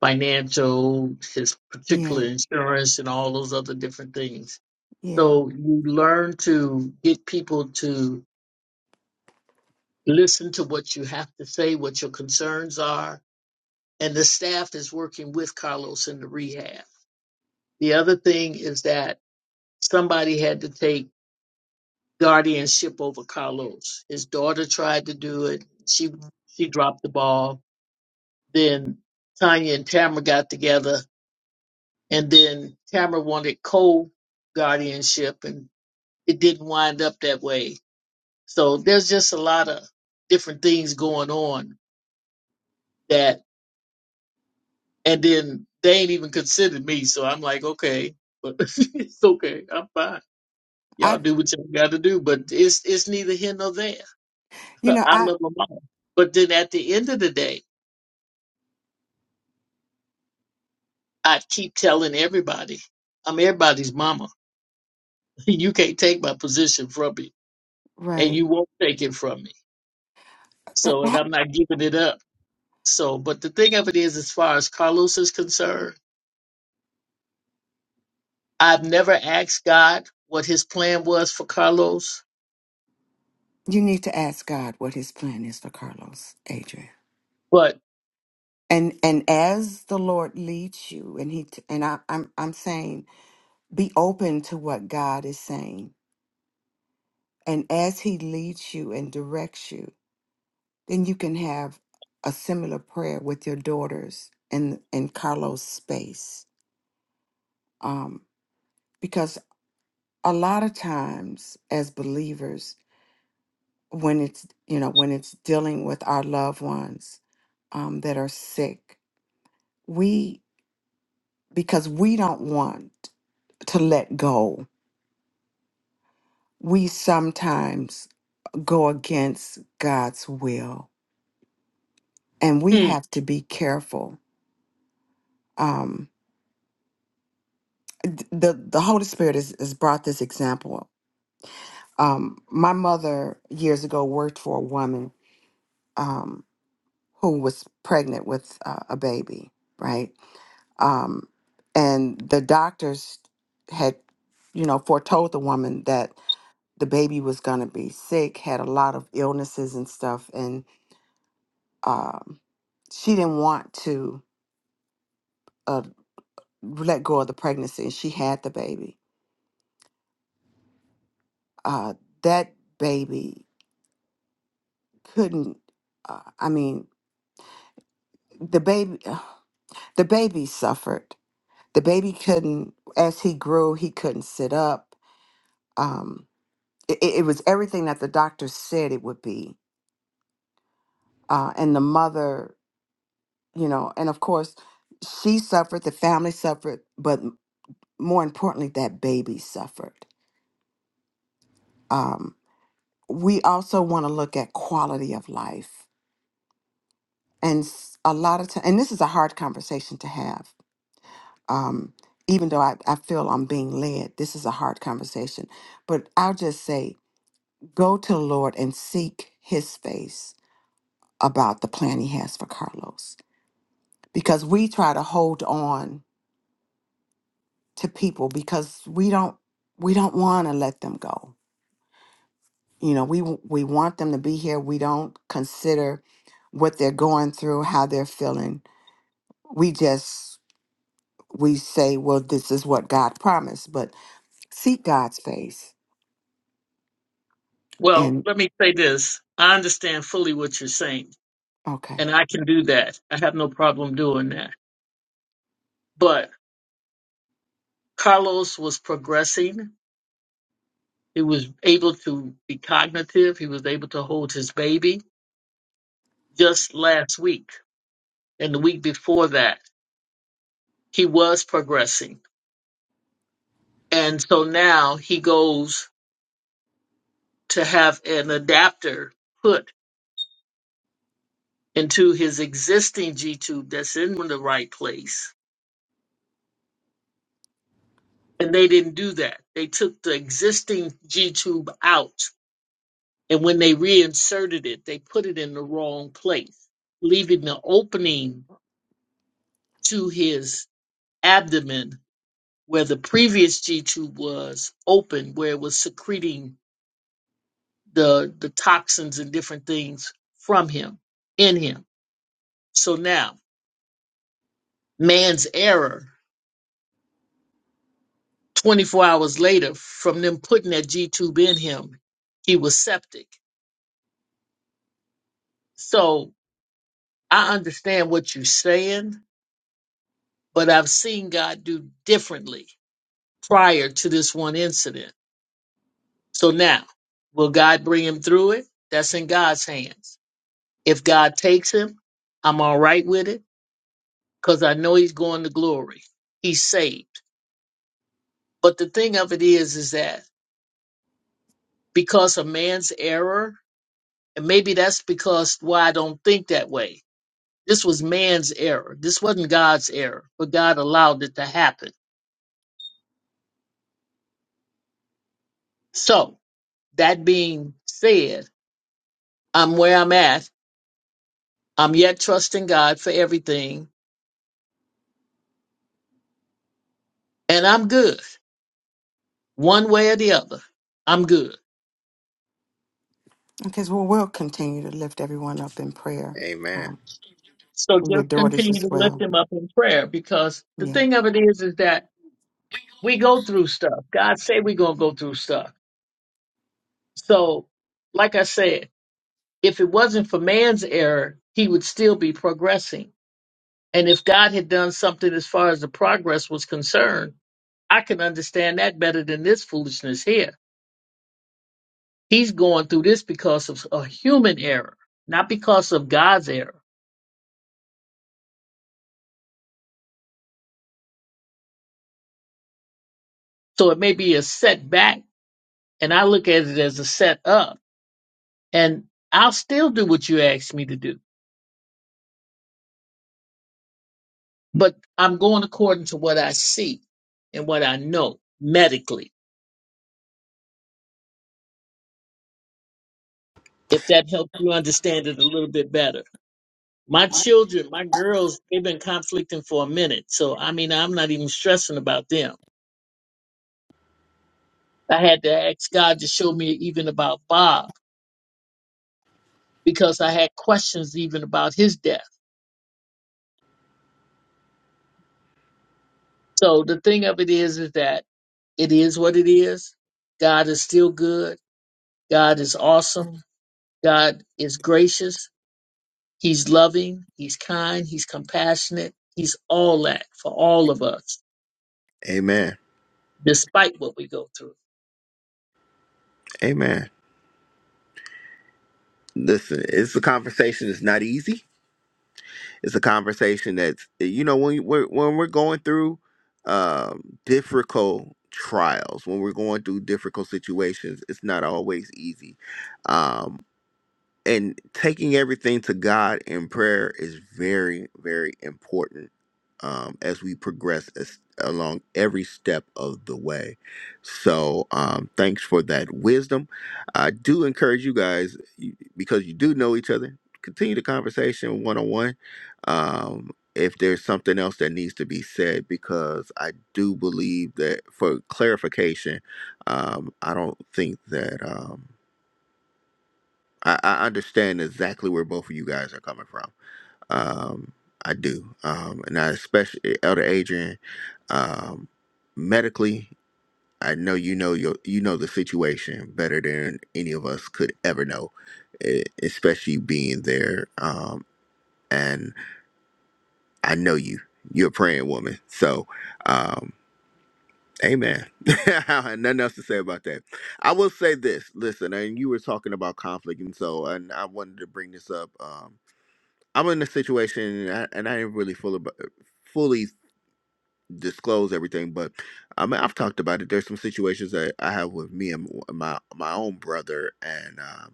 Speaker 5: Financial, his
Speaker 7: Yeah.
Speaker 5: particular insurance, and all those other different things.
Speaker 7: Yeah.
Speaker 5: So you learn to get people to listen to what you have to say, what your concerns are, and the staff is working with Carlos in the rehab. The other thing is that somebody had to take guardianship over Carlos. His daughter tried to do it. She she dropped the ball. Then Tanya and Tamara got together, and then Tamara wanted co guardianship, and it didn't wind up that way. So there's just a lot of different things going on that, and then they ain't even considered me. So I'm like, okay, but it's okay, I'm fine. Y'all
Speaker 7: I,
Speaker 5: do what y'all got to do, but it's it's neither here nor there.
Speaker 7: you know,
Speaker 5: I
Speaker 7: I,
Speaker 5: love my mom, but then at the end of the day I keep telling everybody, I'm everybody's mama. You can't take my position from me, and
Speaker 7: right.
Speaker 5: you won't take it from me.
Speaker 7: That,
Speaker 5: So, and
Speaker 7: that,
Speaker 5: I'm not giving it up. So, but the thing of it is, as far as Carlos is concerned, I've never asked God what his plan was for Carlos.
Speaker 7: you need to ask God what his plan is for Carlos, Adrian.
Speaker 5: But,
Speaker 7: And and as the Lord leads you and he t- and I I'm I'm saying be open to what God is saying. And as he leads you and directs you, then you can have a similar prayer with your daughters in in Carlos space. Um because a lot of times as believers when it's you know when it's dealing with our loved ones um, that are sick we because we don't want to let go we sometimes go against god's will and we
Speaker 5: hmm,
Speaker 7: have to be careful um, th- the the holy spirit has, has brought this example um, my mother years ago worked for a woman um, who was pregnant with uh, a baby right Um, and the doctors had, you know, foretold the woman that the baby was going to be sick, had a lot of illnesses and stuff. And um, she didn't want to uh, let go of the pregnancy. and She had the baby. Uh, that baby couldn't, uh, I mean, the baby, the baby suffered. The baby couldn't, as he grew, he couldn't sit up. Um, it, it was everything that the doctor said it would be uh, and the mother, you know, and of course, she suffered, the family suffered, but m- more importantly, that baby suffered. Um, we also want to look at quality of life, and s- a lot of time, and this is a hard conversation to have. Um, even though I, I feel I'm being led, this is a hard conversation. But I'll just say, go to the Lord and seek His face about the plan He has for Carlos, because we try to hold on to people because we don't we don't want to let them go. You know, we w- we want them to be here. We don't consider what they're going through, how they're feeling. We just we say, well, this is what God promised, but seek God's face.
Speaker 5: well,
Speaker 7: And
Speaker 5: let me say this I understand fully what you're saying,
Speaker 7: okay,
Speaker 5: and I can do that. I have no problem doing that. But Carlos was progressing He was able to be cognitive. He was able to hold his baby just last week and the week before that. He was progressing. And so now he goes to have an adapter put into his existing G tube that's in the right place. And they didn't do that. They took the existing G tube out. And when they reinserted it, they put it in the wrong place, leaving the opening to his abdomen where the previous G2 was open, where it was secreting the the toxins and different things from him, in him. So now man's error, 24 hours later, from them putting that G tube in him, he was septic. So I understand what you're saying, but I've seen God do differently prior to this one incident. So now, will God bring him through it? That's in God's hands If God takes him, I'm all right with it because I know he's going to glory. He's saved. But the thing of it is, is that because of man's error, and maybe that's because why I don't think that way. This was man's error. This wasn't God's error, but God allowed it to happen. So that being said, I'm where I'm at. I'm yet trusting God for everything and I'm good one way or the other. I'm good.
Speaker 7: okay, so we'll continue to lift everyone up in prayer,
Speaker 1: Amen.
Speaker 7: um,
Speaker 5: So
Speaker 7: and your
Speaker 5: just
Speaker 7: daughters
Speaker 5: continue
Speaker 7: as
Speaker 5: to lift
Speaker 7: well.
Speaker 5: him up in prayer because the
Speaker 7: Yeah,
Speaker 5: thing of it is, is that we go through stuff. God say we're gonna go through stuff. So, like I said, if it wasn't for man's error, he would still be progressing. And if God had done something as far as the progress was concerned, I can understand that better than this foolishness here. He's going through this because of a human error, not because of God's error. So it may be a setback, and I look at it as a setup and I'll still do what you ask me to do, but I'm going according to what I see and what I know medically. If that helps you understand it a little bit better. My children, my girls, they've been conflicting for a minute. So, I mean, I'm not even stressing about them. I had to ask God to show me even about Bob because I had questions even about his death. So the thing of it is, is that it is what it is. God is still good. God is awesome. God is gracious. He's loving, he's kind, he's compassionate, he's all that for all of us,
Speaker 1: Amen.
Speaker 5: despite what we go through.
Speaker 1: Amen. Listen, it's a conversation. It's not easy It's a conversation that's eh, you know when we're when we're going through um, difficult trials, when we're going through difficult situations, it's not always easy. Um, and taking everything to God in prayer is very, very important um, as we progress as, along every step of the way. So, um, thanks for that wisdom. I do encourage you guys you- because you do know each other. Continue the conversation one on one. Um, If there's something else that needs to be said, because I do believe that for clarification, um, I don't think that. Um, I, I understand exactly where both of you guys are coming from. Um, I do, um, and I especially Elder Adrian. Um, medically, I know you know your you know the situation better than any of us could ever know, e- especially being there. Um, and I know you. You're a praying woman, so um, amen. I have Nothing else to say about that. I will say this. Listen, and you were talking about conflict, and so, and I wanted to bring this up. Um, I'm in a situation, and I, and I didn't really full about, fully disclose everything, but I mean, I've talked about it. There's some situations that I have with me and w- my my own brother, and um,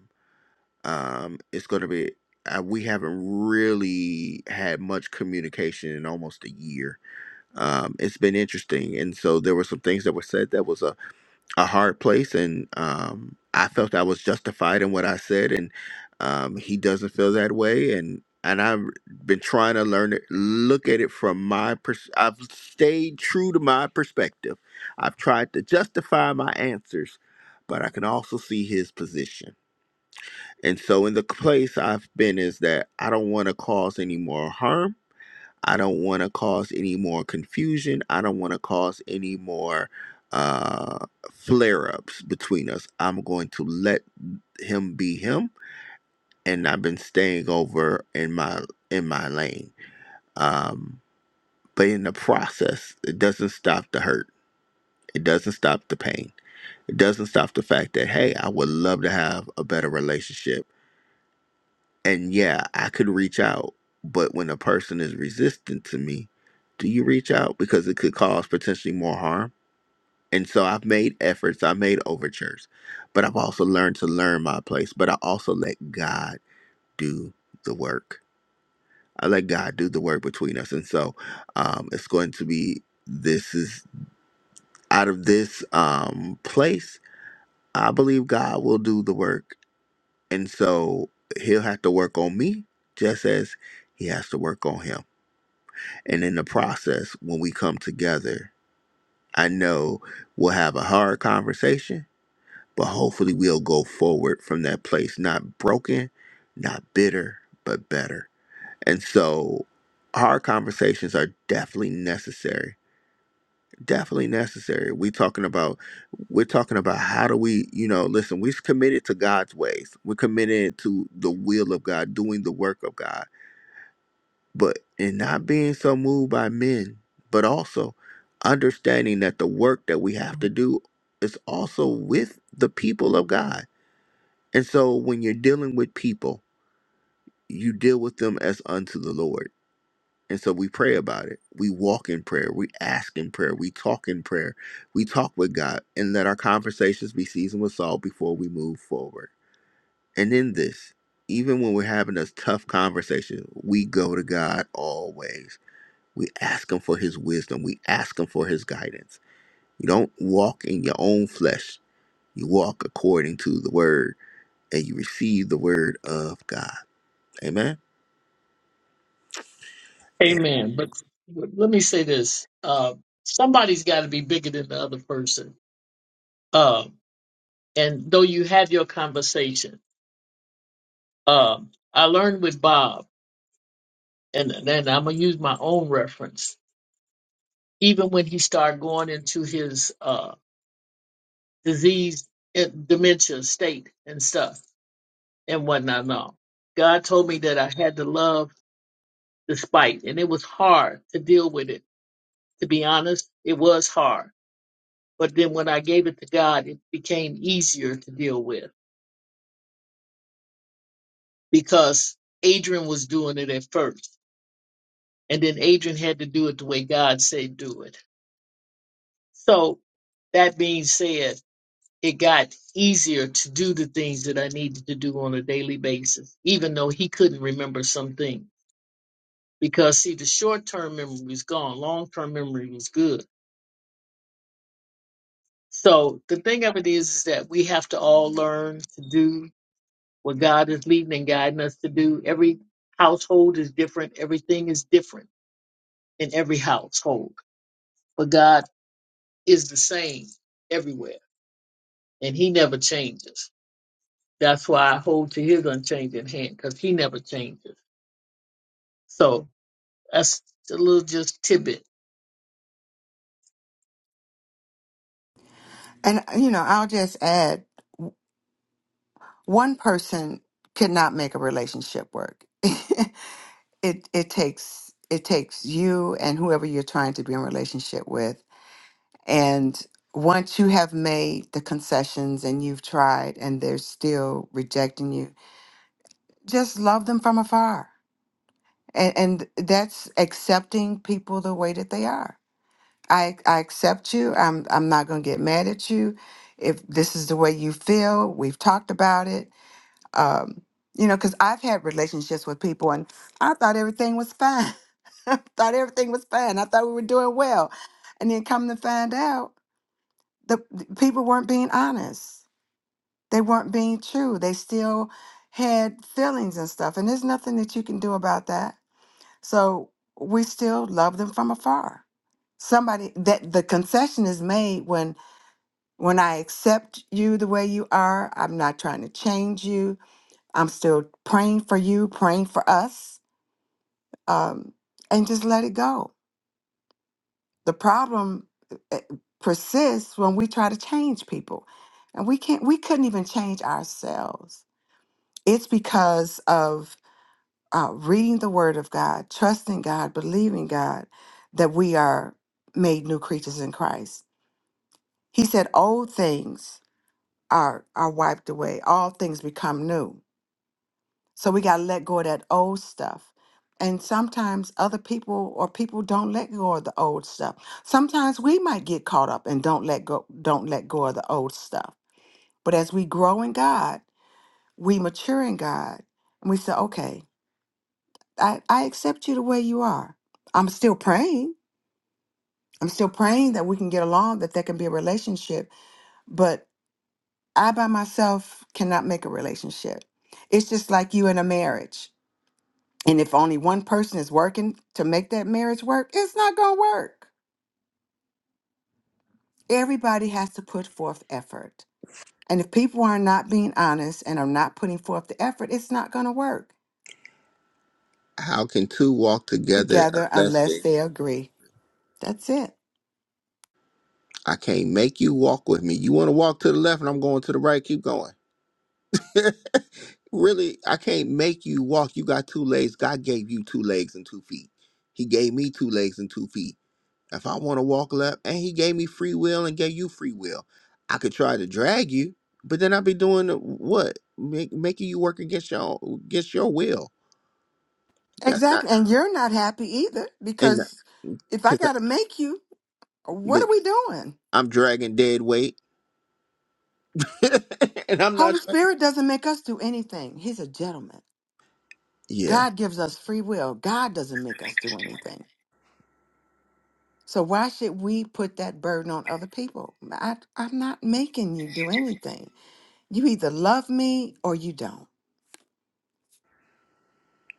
Speaker 1: um, it's going to be uh, we haven't really had much communication in almost a year. Um, it's been interesting, and so there were some things that were said that was uh, a hard place and um, I felt I was justified in what I said and um, he doesn't feel that way and and I've been trying to learn it look at it from my pers- I've stayed true to my perspective. I've tried to justify my answers, but I can also see his position. And so in the place I've been is that I don't want to cause any more harm I don't want to cause any more confusion. I don't want to cause any more uh, flare ups between us. I'm going to let him be him, and I've been staying over in my in my lane. Um, but in the process, it doesn't stop the hurt. It doesn't stop the pain. It doesn't stop the fact that hey, I would love to have a better relationship And yeah, I could reach out, but when a person is resistant to me, do you reach out? Because it could cause potentially more harm. And so I've made efforts, I've made overtures, but I've also learned to learn my place. But I also let God do the work. I let God do the work between us. And so um, it's going to be this is out of this um, place, I believe God will do the work. And so he'll have to work on me just as he has to work on him And in the process, when we come together, I know we'll have a hard conversation, but hopefully we'll go forward from that place, not broken, not bitter, but better. And so hard conversations are definitely necessary. Definitely necessary. We talking about we're talking about how do we, you know, listen, we're committed to God's ways. We're committed to the will of God, doing the work of God. but in not being so moved by men, but also understanding that the work that we have to do is also with the people of God. And so when you're dealing with people, you deal with them as unto the Lord. And so we pray about it. We walk in prayer. We ask in prayer. We talk in prayer. We talk with God and let our conversations be seasoned with salt before we move forward. And in this, even when we're having those tough conversations, we go to God always we ask Him for His wisdom. We ask Him for His guidance. You don't walk in your own flesh. You walk according to the Word, and you receive the Word of God. Amen.
Speaker 5: Amen. But let me say this uh, somebody's got to be bigger than the other person. Um, and though you have your conversation, um, I learned with Bob, and, and I'm going to use my own reference, even when he started going into his uh, disease, eh, dementia state and stuff and whatnot. and all. God told me that I had to love the spite and it was hard to deal with it to be honest it was hard but then when i gave it to god it became easier to deal with because adrian was doing it at first and then adrian had to do it the way god said do it so that being said it got easier to do the things that i needed to do on a daily basis even though he couldn't remember some things because see the short term memory was gone long term memory was good So the thing of it is, is that we have to all learn to do what God is leading and guiding us to do. Every household is different. Everything is different in every household, but God is the same everywhere, and He never changes. That's why I hold to His unchanging hand, because He never changes. So that's a little just tidbit.
Speaker 7: and uh, you know, I'll just add, one person could not make a relationship work. it it takes it takes you and whoever you're trying to be in relationship with and once you have made the concessions and you've tried and they're still rejecting you just love them from afar and and that's accepting people the way that they are i i accept you i'm i'm not going to get mad at you if this is the way you feel we've talked about it um, you know, because I've had relationships with people and I thought everything was fine. I thought everything was fine. I thought we were doing well. And then come to find out, the, the people weren't being honest. They weren't being true. They still had feelings and stuff. And there's nothing that you can do about that. So we still love them from afar. Somebody that the concession is made when when I accept you the way you are, I'm not trying to change you. I'm still praying for you, praying for us, um, and just let it go. The problem eh, persists when we try to change people, and we can't. We couldn't even change ourselves. It's because of uh, reading the Word of God, trusting God, believing God, that we are made new creatures in Christ. He said, "Old things are are wiped away; all things become new." So we got to let go of that old stuff. And sometimes other people or people don't let go of the old stuff. Sometimes we might get caught up and don't let go don't let go of the old stuff. But as we grow in God, we mature in God, and we say, "Okay, I I accept you the way you are. I'm still praying. I'm still praying that we can get along, that there can be a relationship, but I by myself cannot make a relationship. It's just like you in a marriage And if only one person is working to make that marriage work, it's not going to work. Everybody has to put forth effort. And if people are not being honest and are not putting forth the effort, it's not going to work
Speaker 1: How can two walk together
Speaker 7: together
Speaker 1: unless
Speaker 7: unless
Speaker 1: they?
Speaker 7: they agree. That's it.
Speaker 1: I can't make you walk with me. You want to walk to the left, and I'm going to the right. Keep going. really, I can't make you walk. You got two legs. God gave you two legs and two feet. He gave me two legs and two feet. If I want to walk left, and he gave me free will and gave you free will, I could try to drag you, but then I'd be doing what? Make, making you work against your against your will. That's
Speaker 7: Exactly.
Speaker 1: not
Speaker 7: And you're not happy either
Speaker 1: and
Speaker 7: because if I
Speaker 1: because
Speaker 7: got to make you, what are we doing?
Speaker 1: I'm dragging dead weight, and I'm not.
Speaker 7: Holy Spirit doesn't make us do anything. He's a gentleman.
Speaker 1: Yeah,
Speaker 7: God gives us free will. God doesn't make us do anything. So why should we put that burden on other people? I, I'm not making you do anything. You either love me or you don't.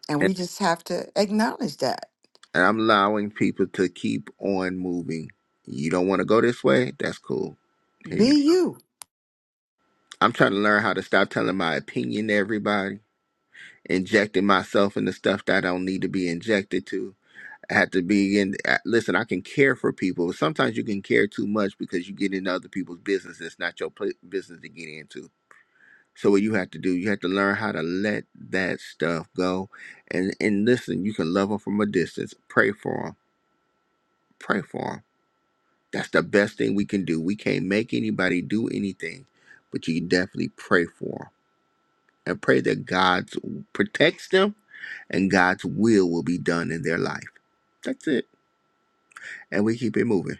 Speaker 7: And
Speaker 1: and,
Speaker 7: we just have to acknowledge that.
Speaker 1: and I'm allowing people to keep on moving. You don't want to go this way? That's cool. Here you. Go.
Speaker 7: Be you.
Speaker 1: I'm trying to learn how to stop telling my opinion to everybody, injecting myself into stuff that I don't need to be injected to I have to be in. uh, Listen, I can care for people. Sometimes you can care too much because you get into other people's business. It's not your pla business to get into. So what you have to do, you have to learn how to let that stuff go, and and listen. You can love them from a distance. Pray for them. Pray for them. That's the best thing we can do. We can't make anybody do anything, but you can definitely pray for them and pray that God protects them and God's will will be done in their life. That's it. And we keep it moving.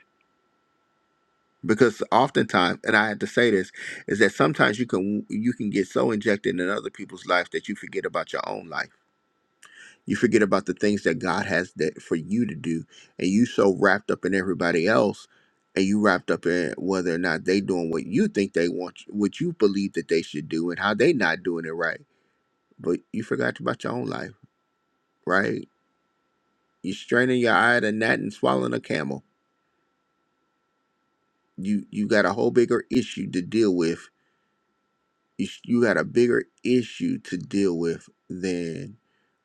Speaker 1: because oftentimes and i had to say this is that sometimes you can you can get so injected in other people's life that you forget about your own life you forget about the things that god has that for you to do and you so wrapped up in everybody else and you wrapped up in whether or not they doing what you think they want what you believe that they should do and how they not doing it right but you forgot about your own life right you are straining your eye at a gnat and swallowing a camel you you got a whole bigger issue to deal with you you got a bigger issue to deal with than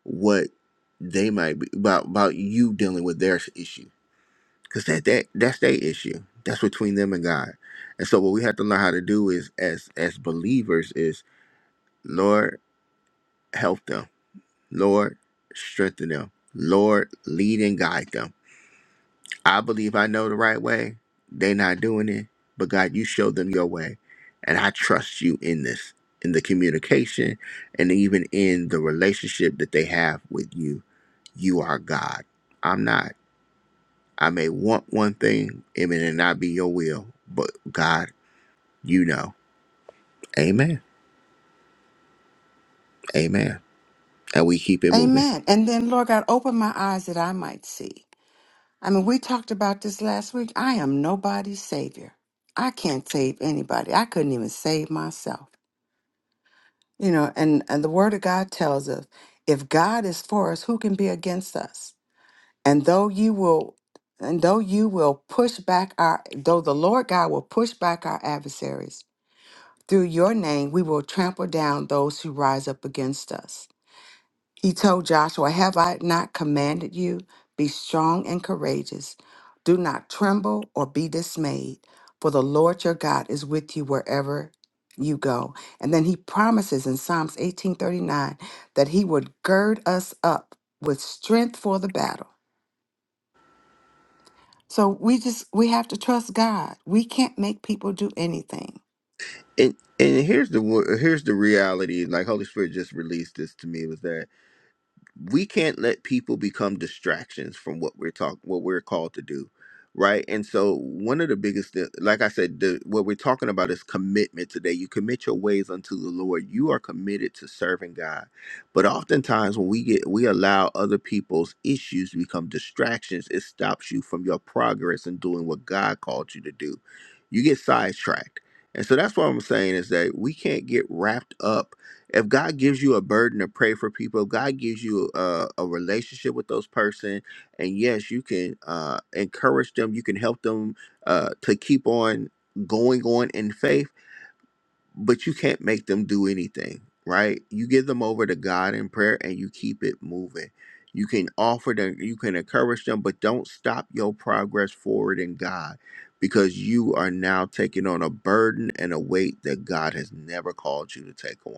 Speaker 1: what they might be about about you dealing with their issue because that, that that's their issue that's between them and god and so what we have to learn how to do is as as believers is lord help them lord strengthen them lord lead and guide them I believe I know the right way. They not doing it, but God, you showed them your way, and I trust you in this, in the communication, and even in the relationship that they have with you. You are God. I'm not. I may want one thing, it may not be your will, but God, you know. Amen. Amen. And we keep it moving.
Speaker 7: Amen. And then, Lord God, open my eyes that I might see. I mean, we talked about this last week. I am nobody's savior. I can't save anybody. I couldn't even save myself. You know, and, and the word of God tells us if God is for us, who can be against us? and though you will and though you will push back our though the lord god will push back our adversaries through your name we will trample down those who rise up against us he told joshua have i not commanded you be strong and courageous do not tremble or be dismayed for the lord your god is with you wherever you go and then he promises in psalms 18:39 that he would gird us up with strength for the battle So we just we have to trust God. We can't make people do anything.
Speaker 1: And and here's the wo- here's the reality. Like Holy Spirit just released this to me was that we can't let people become distractions from what we're talking what we're called to do right and so one of the biggest thi- like i said the, what we're talking about is commitment today you commit your ways unto the lord you are committed to serving god but oftentimes when we get we allow other people's issues to become distractions it stops you from your progress in doing what god called you to do you get sidetracked and so that's what i'm saying is that we can't get wrapped up if God gives you a burden to pray for people, if God gives you a, a relationship with those person, and yes, you can uh, encourage them, you can help them uh, to keep on going on in faith, but you can't make them do anything, right? You give them over to God in prayer, and you keep it moving. You can offer them, you can encourage them, but don't stop your progress forward in God because you are now taking on a burden and a weight that God has never called you to take on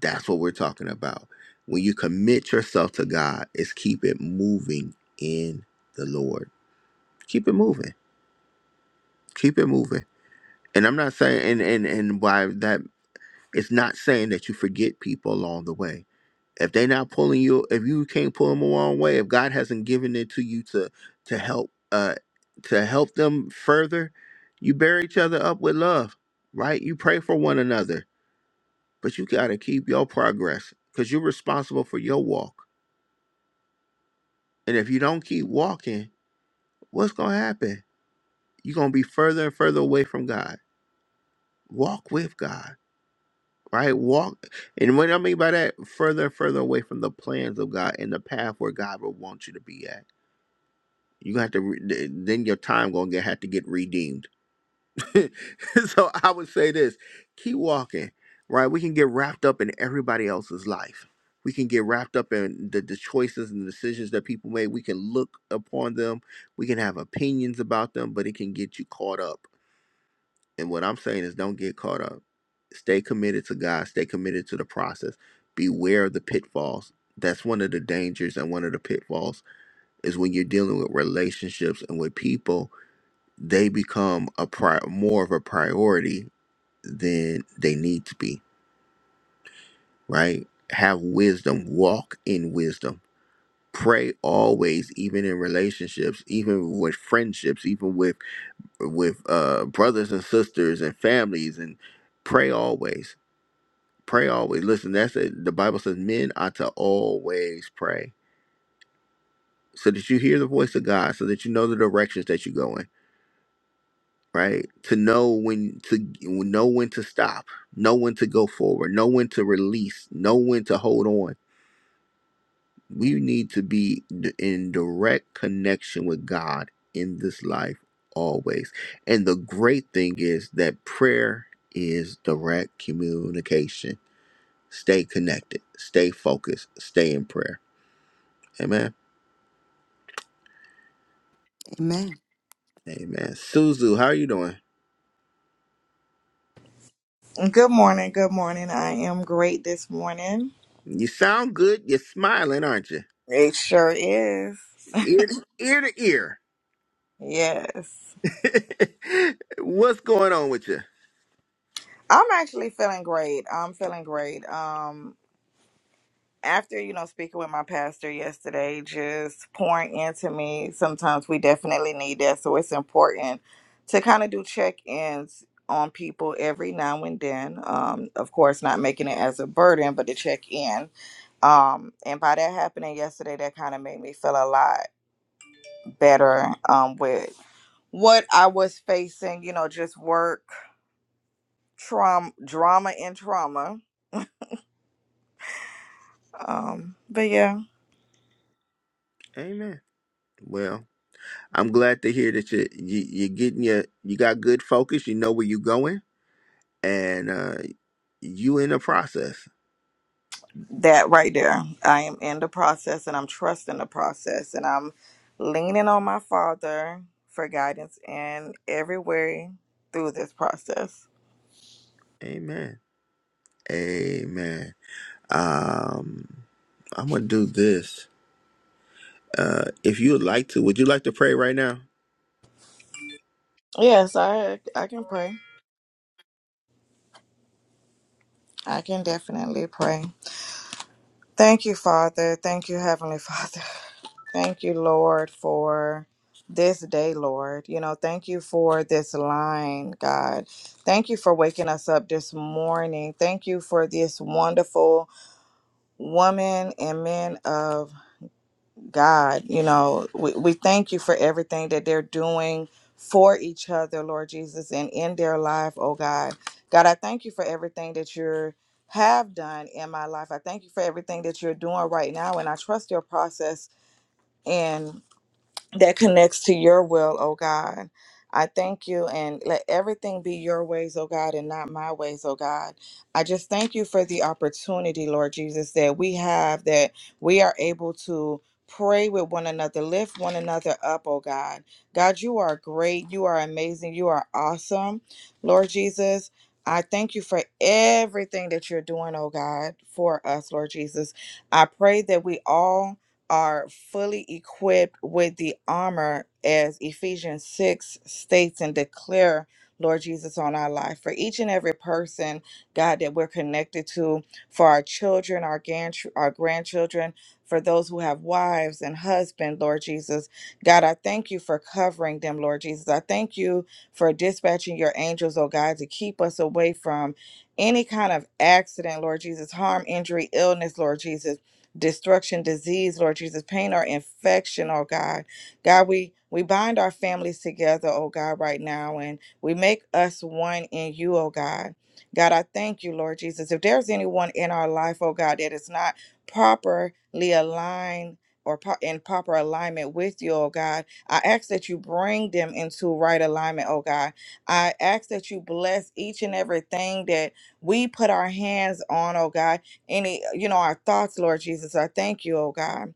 Speaker 1: that's what we're talking about. When you commit yourself to God, is keep it moving in the Lord. Keep it moving. Keep it moving. And I'm not saying and and and why that it's not saying that you forget people along the way. If they're not pulling you, if you can't pull them along the way, if God hasn't given it to you to to help uh to help them further, you bear each other up with love, right? You pray for one another, but you gotta keep your progress because you're responsible for your walk And if you don't keep walking, what's going to happen? You're going to be further and further away from God. Walk with God, right? Walk. And what I mean by that, further and further away from the plans of God and the path where God will want you to be at. You have to, re- th- then your time going to have to get redeemed so I would say this keep walking, right? We can get wrapped up in everybody else's life. We can get wrapped up in the, the choices and decisions that people make. We can look upon them. We can have opinions about them, but it can get you caught up. And what I'm saying is don't get caught up. Stay committed to God, stay committed to the process. Beware of the pitfalls. That's one of the dangers and one of the pitfalls is when you're dealing with relationships and with people, they become a pri- more of a priority than they need to be, right? Have wisdom, walk in wisdom. Pray always, even in relationships, even with friendships, even with with uh, brothers and sisters and families, and pray always. Pray always. Listen, that's it. The Bible says men are to always pray, so that you hear the voice of God, so that you know the directions that you go in. Right to know when to know when to stop, know when to go forward, know when to release, know when to hold on We need to be d- in direct connection with God in this life always. And the great thing is that prayer is direct communication. Stay connected, stay focused, stay in prayer. Amen.
Speaker 7: Amen.
Speaker 1: Amen. Suzu, how are you doing?
Speaker 8: Good morning. Good morning. I am great this morning.
Speaker 1: You sound good. You're smiling, aren't you?
Speaker 8: It sure is.
Speaker 1: Ear to ear. To ear.
Speaker 8: Yes.
Speaker 1: What's going on with you?
Speaker 8: I'm actually feeling great. I'm feeling great. Um after, you know, speaking with my pastor yesterday, just pouring into me, sometimes we definitely need that. So it's important to kind of do check-ins on people every now and then. Um, of course, not making it as a burden, but to check in. Um, and by that happening yesterday, that kind of made me feel alive. better um, with what I was facing, you know, just work, trauma, drama, and trauma. Um, but yeah,
Speaker 1: Amen. Well, I'm glad to hear that you, you you're getting your you got good focus. You know where you're going and uh, you in the process.
Speaker 8: that right there. I am in the process and I'm trusting the process and I'm leaning on my father for guidance in every way through this process.
Speaker 1: Amen. Amen. Um, I'm gonna do this. Uh, if you would like to, would you like to pray right now?
Speaker 8: Yes, I I can pray. I can definitely pray. Thank you, Father. Thank you, Heavenly Father. Thank you, Lord, for this day, Lord. You know, thank you for this line, God. Thank you for waking us up this morning. Thank you for this wonderful woman and men of God. You know, we, we thank you for everything that they're doing for each other, Lord Jesus, and in their life, oh God. God, I thank you for everything that you have done in my life. I thank you for everything that you're doing right now and I trust your process in that connects to your will, oh God. I thank you and let everything be your ways, oh God, and not my ways, oh God. I just thank you for the opportunity, Lord Jesus, that we have, that we are able to pray with one another, lift one another up, oh God. God, you are great. You are amazing. You are awesome, Lord Jesus. I thank you for everything that you're doing, oh God, for us, Lord Jesus. I pray that we all are fully equipped with the armor as Ephesians 6 states and declare Lord Jesus on our life for each and every person God that we're connected to for our children our grand our grandchildren for those who have wives and husbands, Lord Jesus God I thank you for covering them Lord Jesus I thank you for dispatching your angels oh God to keep us away from any kind of accident Lord Jesus harm injury illness Lord Jesus destruction, disease, Lord Jesus, pain or infection, oh God. God, we we bind our families together, oh God, right now, and we make us one in you, oh God. God, I thank you, Lord Jesus. If there's anyone in our life, oh God, that is not properly aligned or pro- in proper alignment with you, oh God, I ask that you bring them into right alignment, oh God. I ask that you bless each and everything that we put our hands on, oh God any, you know, our thoughts, Lord Jesus. I thank you, oh God,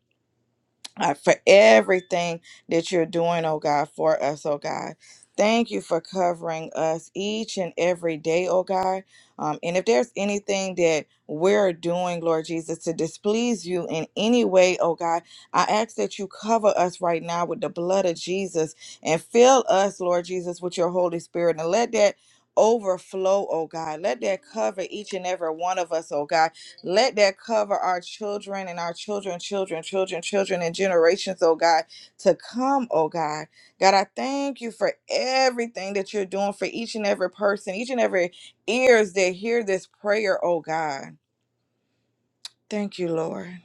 Speaker 8: uh, for everything that you're doing, oh God, for us, oh God. Thank you for covering us each and every day, oh God. Um, and if there's anything that we're doing, Lord Jesus, to displease you in any way, oh God, I ask that you cover us right now with the blood of Jesus and fill us, Lord Jesus, with your Holy Spirit and let that overflow, oh God. Let that cover each and every one of us, oh God let that cover our children and our children, children, children, children, and generations, oh God, to come, oh God. God, I thank you for everything that you're doing for each and every person, each and every ears that hear this prayer, oh God. Thank you, Lord.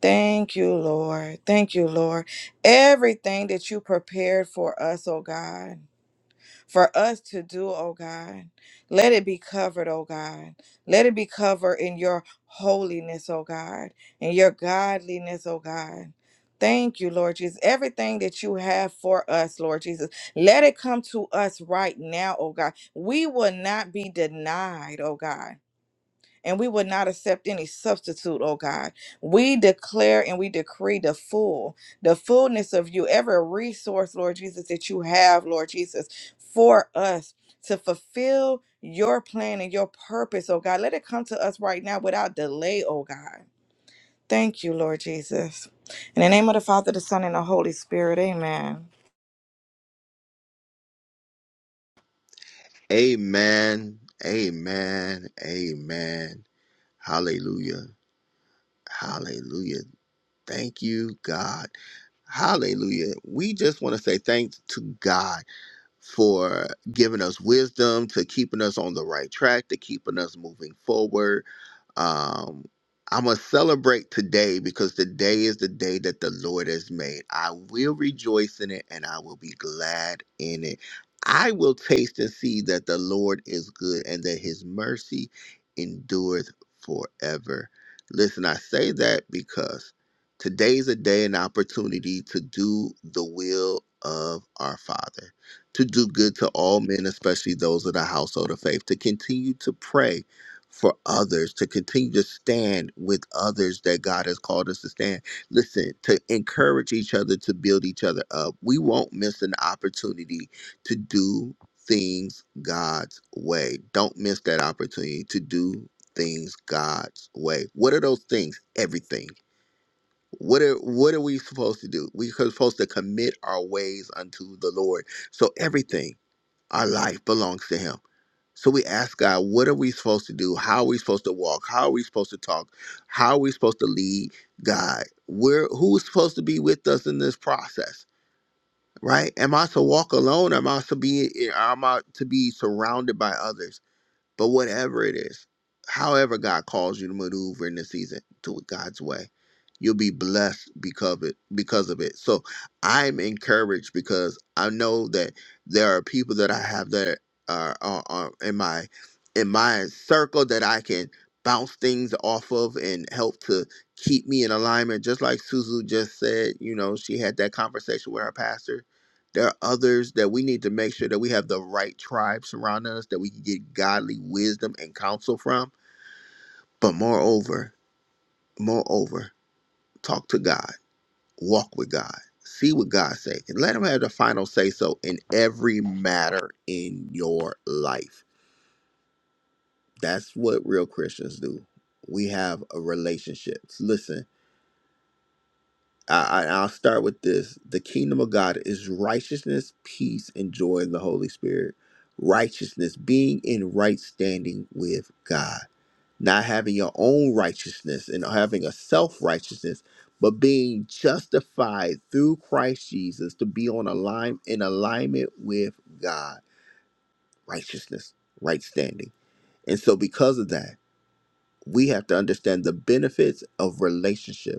Speaker 8: Thank you, Lord. Thank you, Lord. Everything that you prepared for us, oh God. for us to do, oh God. Let it be covered, oh God. Let it be covered in your holiness, oh God, in your godliness, oh God. Thank you, Lord Jesus. Everything that you have for us, Lord Jesus, let it come to us right now, oh God. We will not be denied, oh God and we will not accept any substitute, oh God. We declare and we decree the full, the fullness of you, every resource, Lord Jesus, that you have, Lord Jesus, for us to fulfill your plan and your purpose, oh God. Let it come to us right now without delay, oh God. Thank you, Lord Jesus. In the name of the Father, the Son, and the Holy Spirit, amen.
Speaker 1: Amen. Amen. Amen. Hallelujah. Hallelujah. Thank you, God. Hallelujah. We just want to say thanks to God. for giving us wisdom, to keeping us on the right track, to keeping us moving forward. Um, I'm going to celebrate today because today is the day that the Lord has made. I will rejoice in it and I will be glad in it. I will taste and see that the Lord is good and that his mercy endureth forever. Listen, I say that because today's a day and opportunity to do the will of our Father to do good to all men, especially those of the household of faith, to continue to pray for others, to continue to stand with others that God has called us to stand. Listen, to encourage each other, to build each other up. We won't miss an opportunity to do things God's way. Don't miss that opportunity to do things God's way. What are those things? Everything. What are what are we supposed to do? We're supposed to commit our ways unto the Lord. So everything. Our life belongs to Him. So we ask God, what are we supposed to do? How are we supposed to walk? How are we supposed to talk? How are we supposed to lead God? Where who's supposed to be with us in this process? Right? Am I to walk alone? Am I to be am I to be surrounded by others? But whatever it is, however God calls you to maneuver in this season, do it God's way. You'll be blessed because of it. Because of it. So I'm encouraged because I know that there are people that I have that are, are, are in my in my circle that I can bounce things off of and help to keep me in alignment. Just like Suzu just said, you know, she had that conversation with her pastor there are others that we need to make sure that we have the right tribe surrounding us that we can get godly wisdom and counsel from. But moreover, moreover, talk to God, walk with God, see what God says, and let Him have the final say so in every matter in your life. That's what real Christians do. We have a relationship. Listen I, I- I'll start with this. The kingdom of God is righteousness, peace, and joy in the Holy Spirit. Righteousness, being in right standing with God, not having your own righteousness and having a self righteousness, but being justified through Christ Jesus to be on align in alignment with God. Righteousness, right standing. And so, because of that, we have to understand the benefits of relationship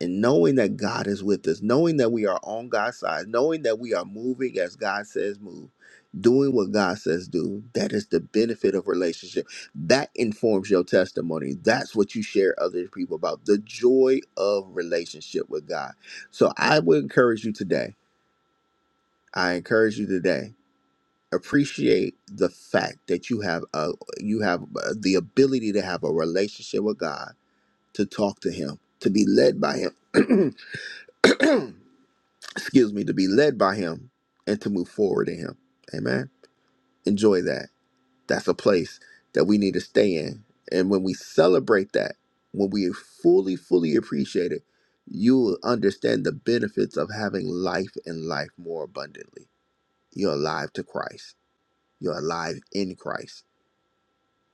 Speaker 1: and knowing that God is with us, knowing that we are on God's side, knowing that we are moving as God says move, doing what God says do, that is the benefit of relationship. That informs your testimony. That's what you share other people about the joy of relationship with God. So I would encourage you today. I encourage you today. Appreciate the fact that you have uh, you have uh, the ability to have a relationship with God, to talk to Him, to be led by Him. excuse me, to be led by him and to move forward in him. Amen. Enjoy that. That's a place that we need to stay in. And when we celebrate that, when we fully, fully appreciate it, you will understand the benefits of having life and life more abundantly. You're alive to Christ. You're alive in Christ.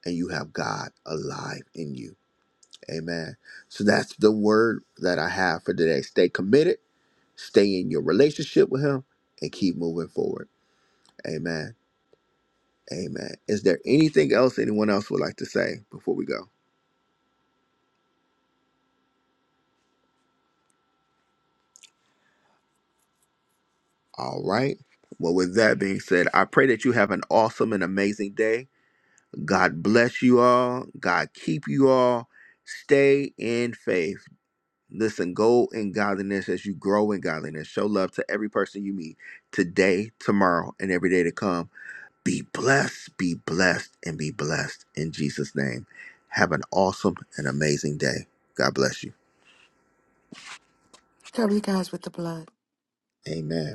Speaker 1: And you have God alive in you. Amen. So that's the word that I have for today. Stay committed, stay in your relationship with Him, and keep moving forward. Amen. Amen. Is there anything else anyone else would like to say before we go? All right. Well, with that being said, I pray that you have an awesome and amazing day. God bless you all. God keep you all. Stay in faith. Listen, go in godliness as you grow in godliness. Show love to every person you meet today, tomorrow, and every day to come. Be blessed, be blessed, and be blessed in Jesus' name. Have an awesome and amazing day. God bless you.
Speaker 7: Cover you guys with the blood.
Speaker 1: Amen.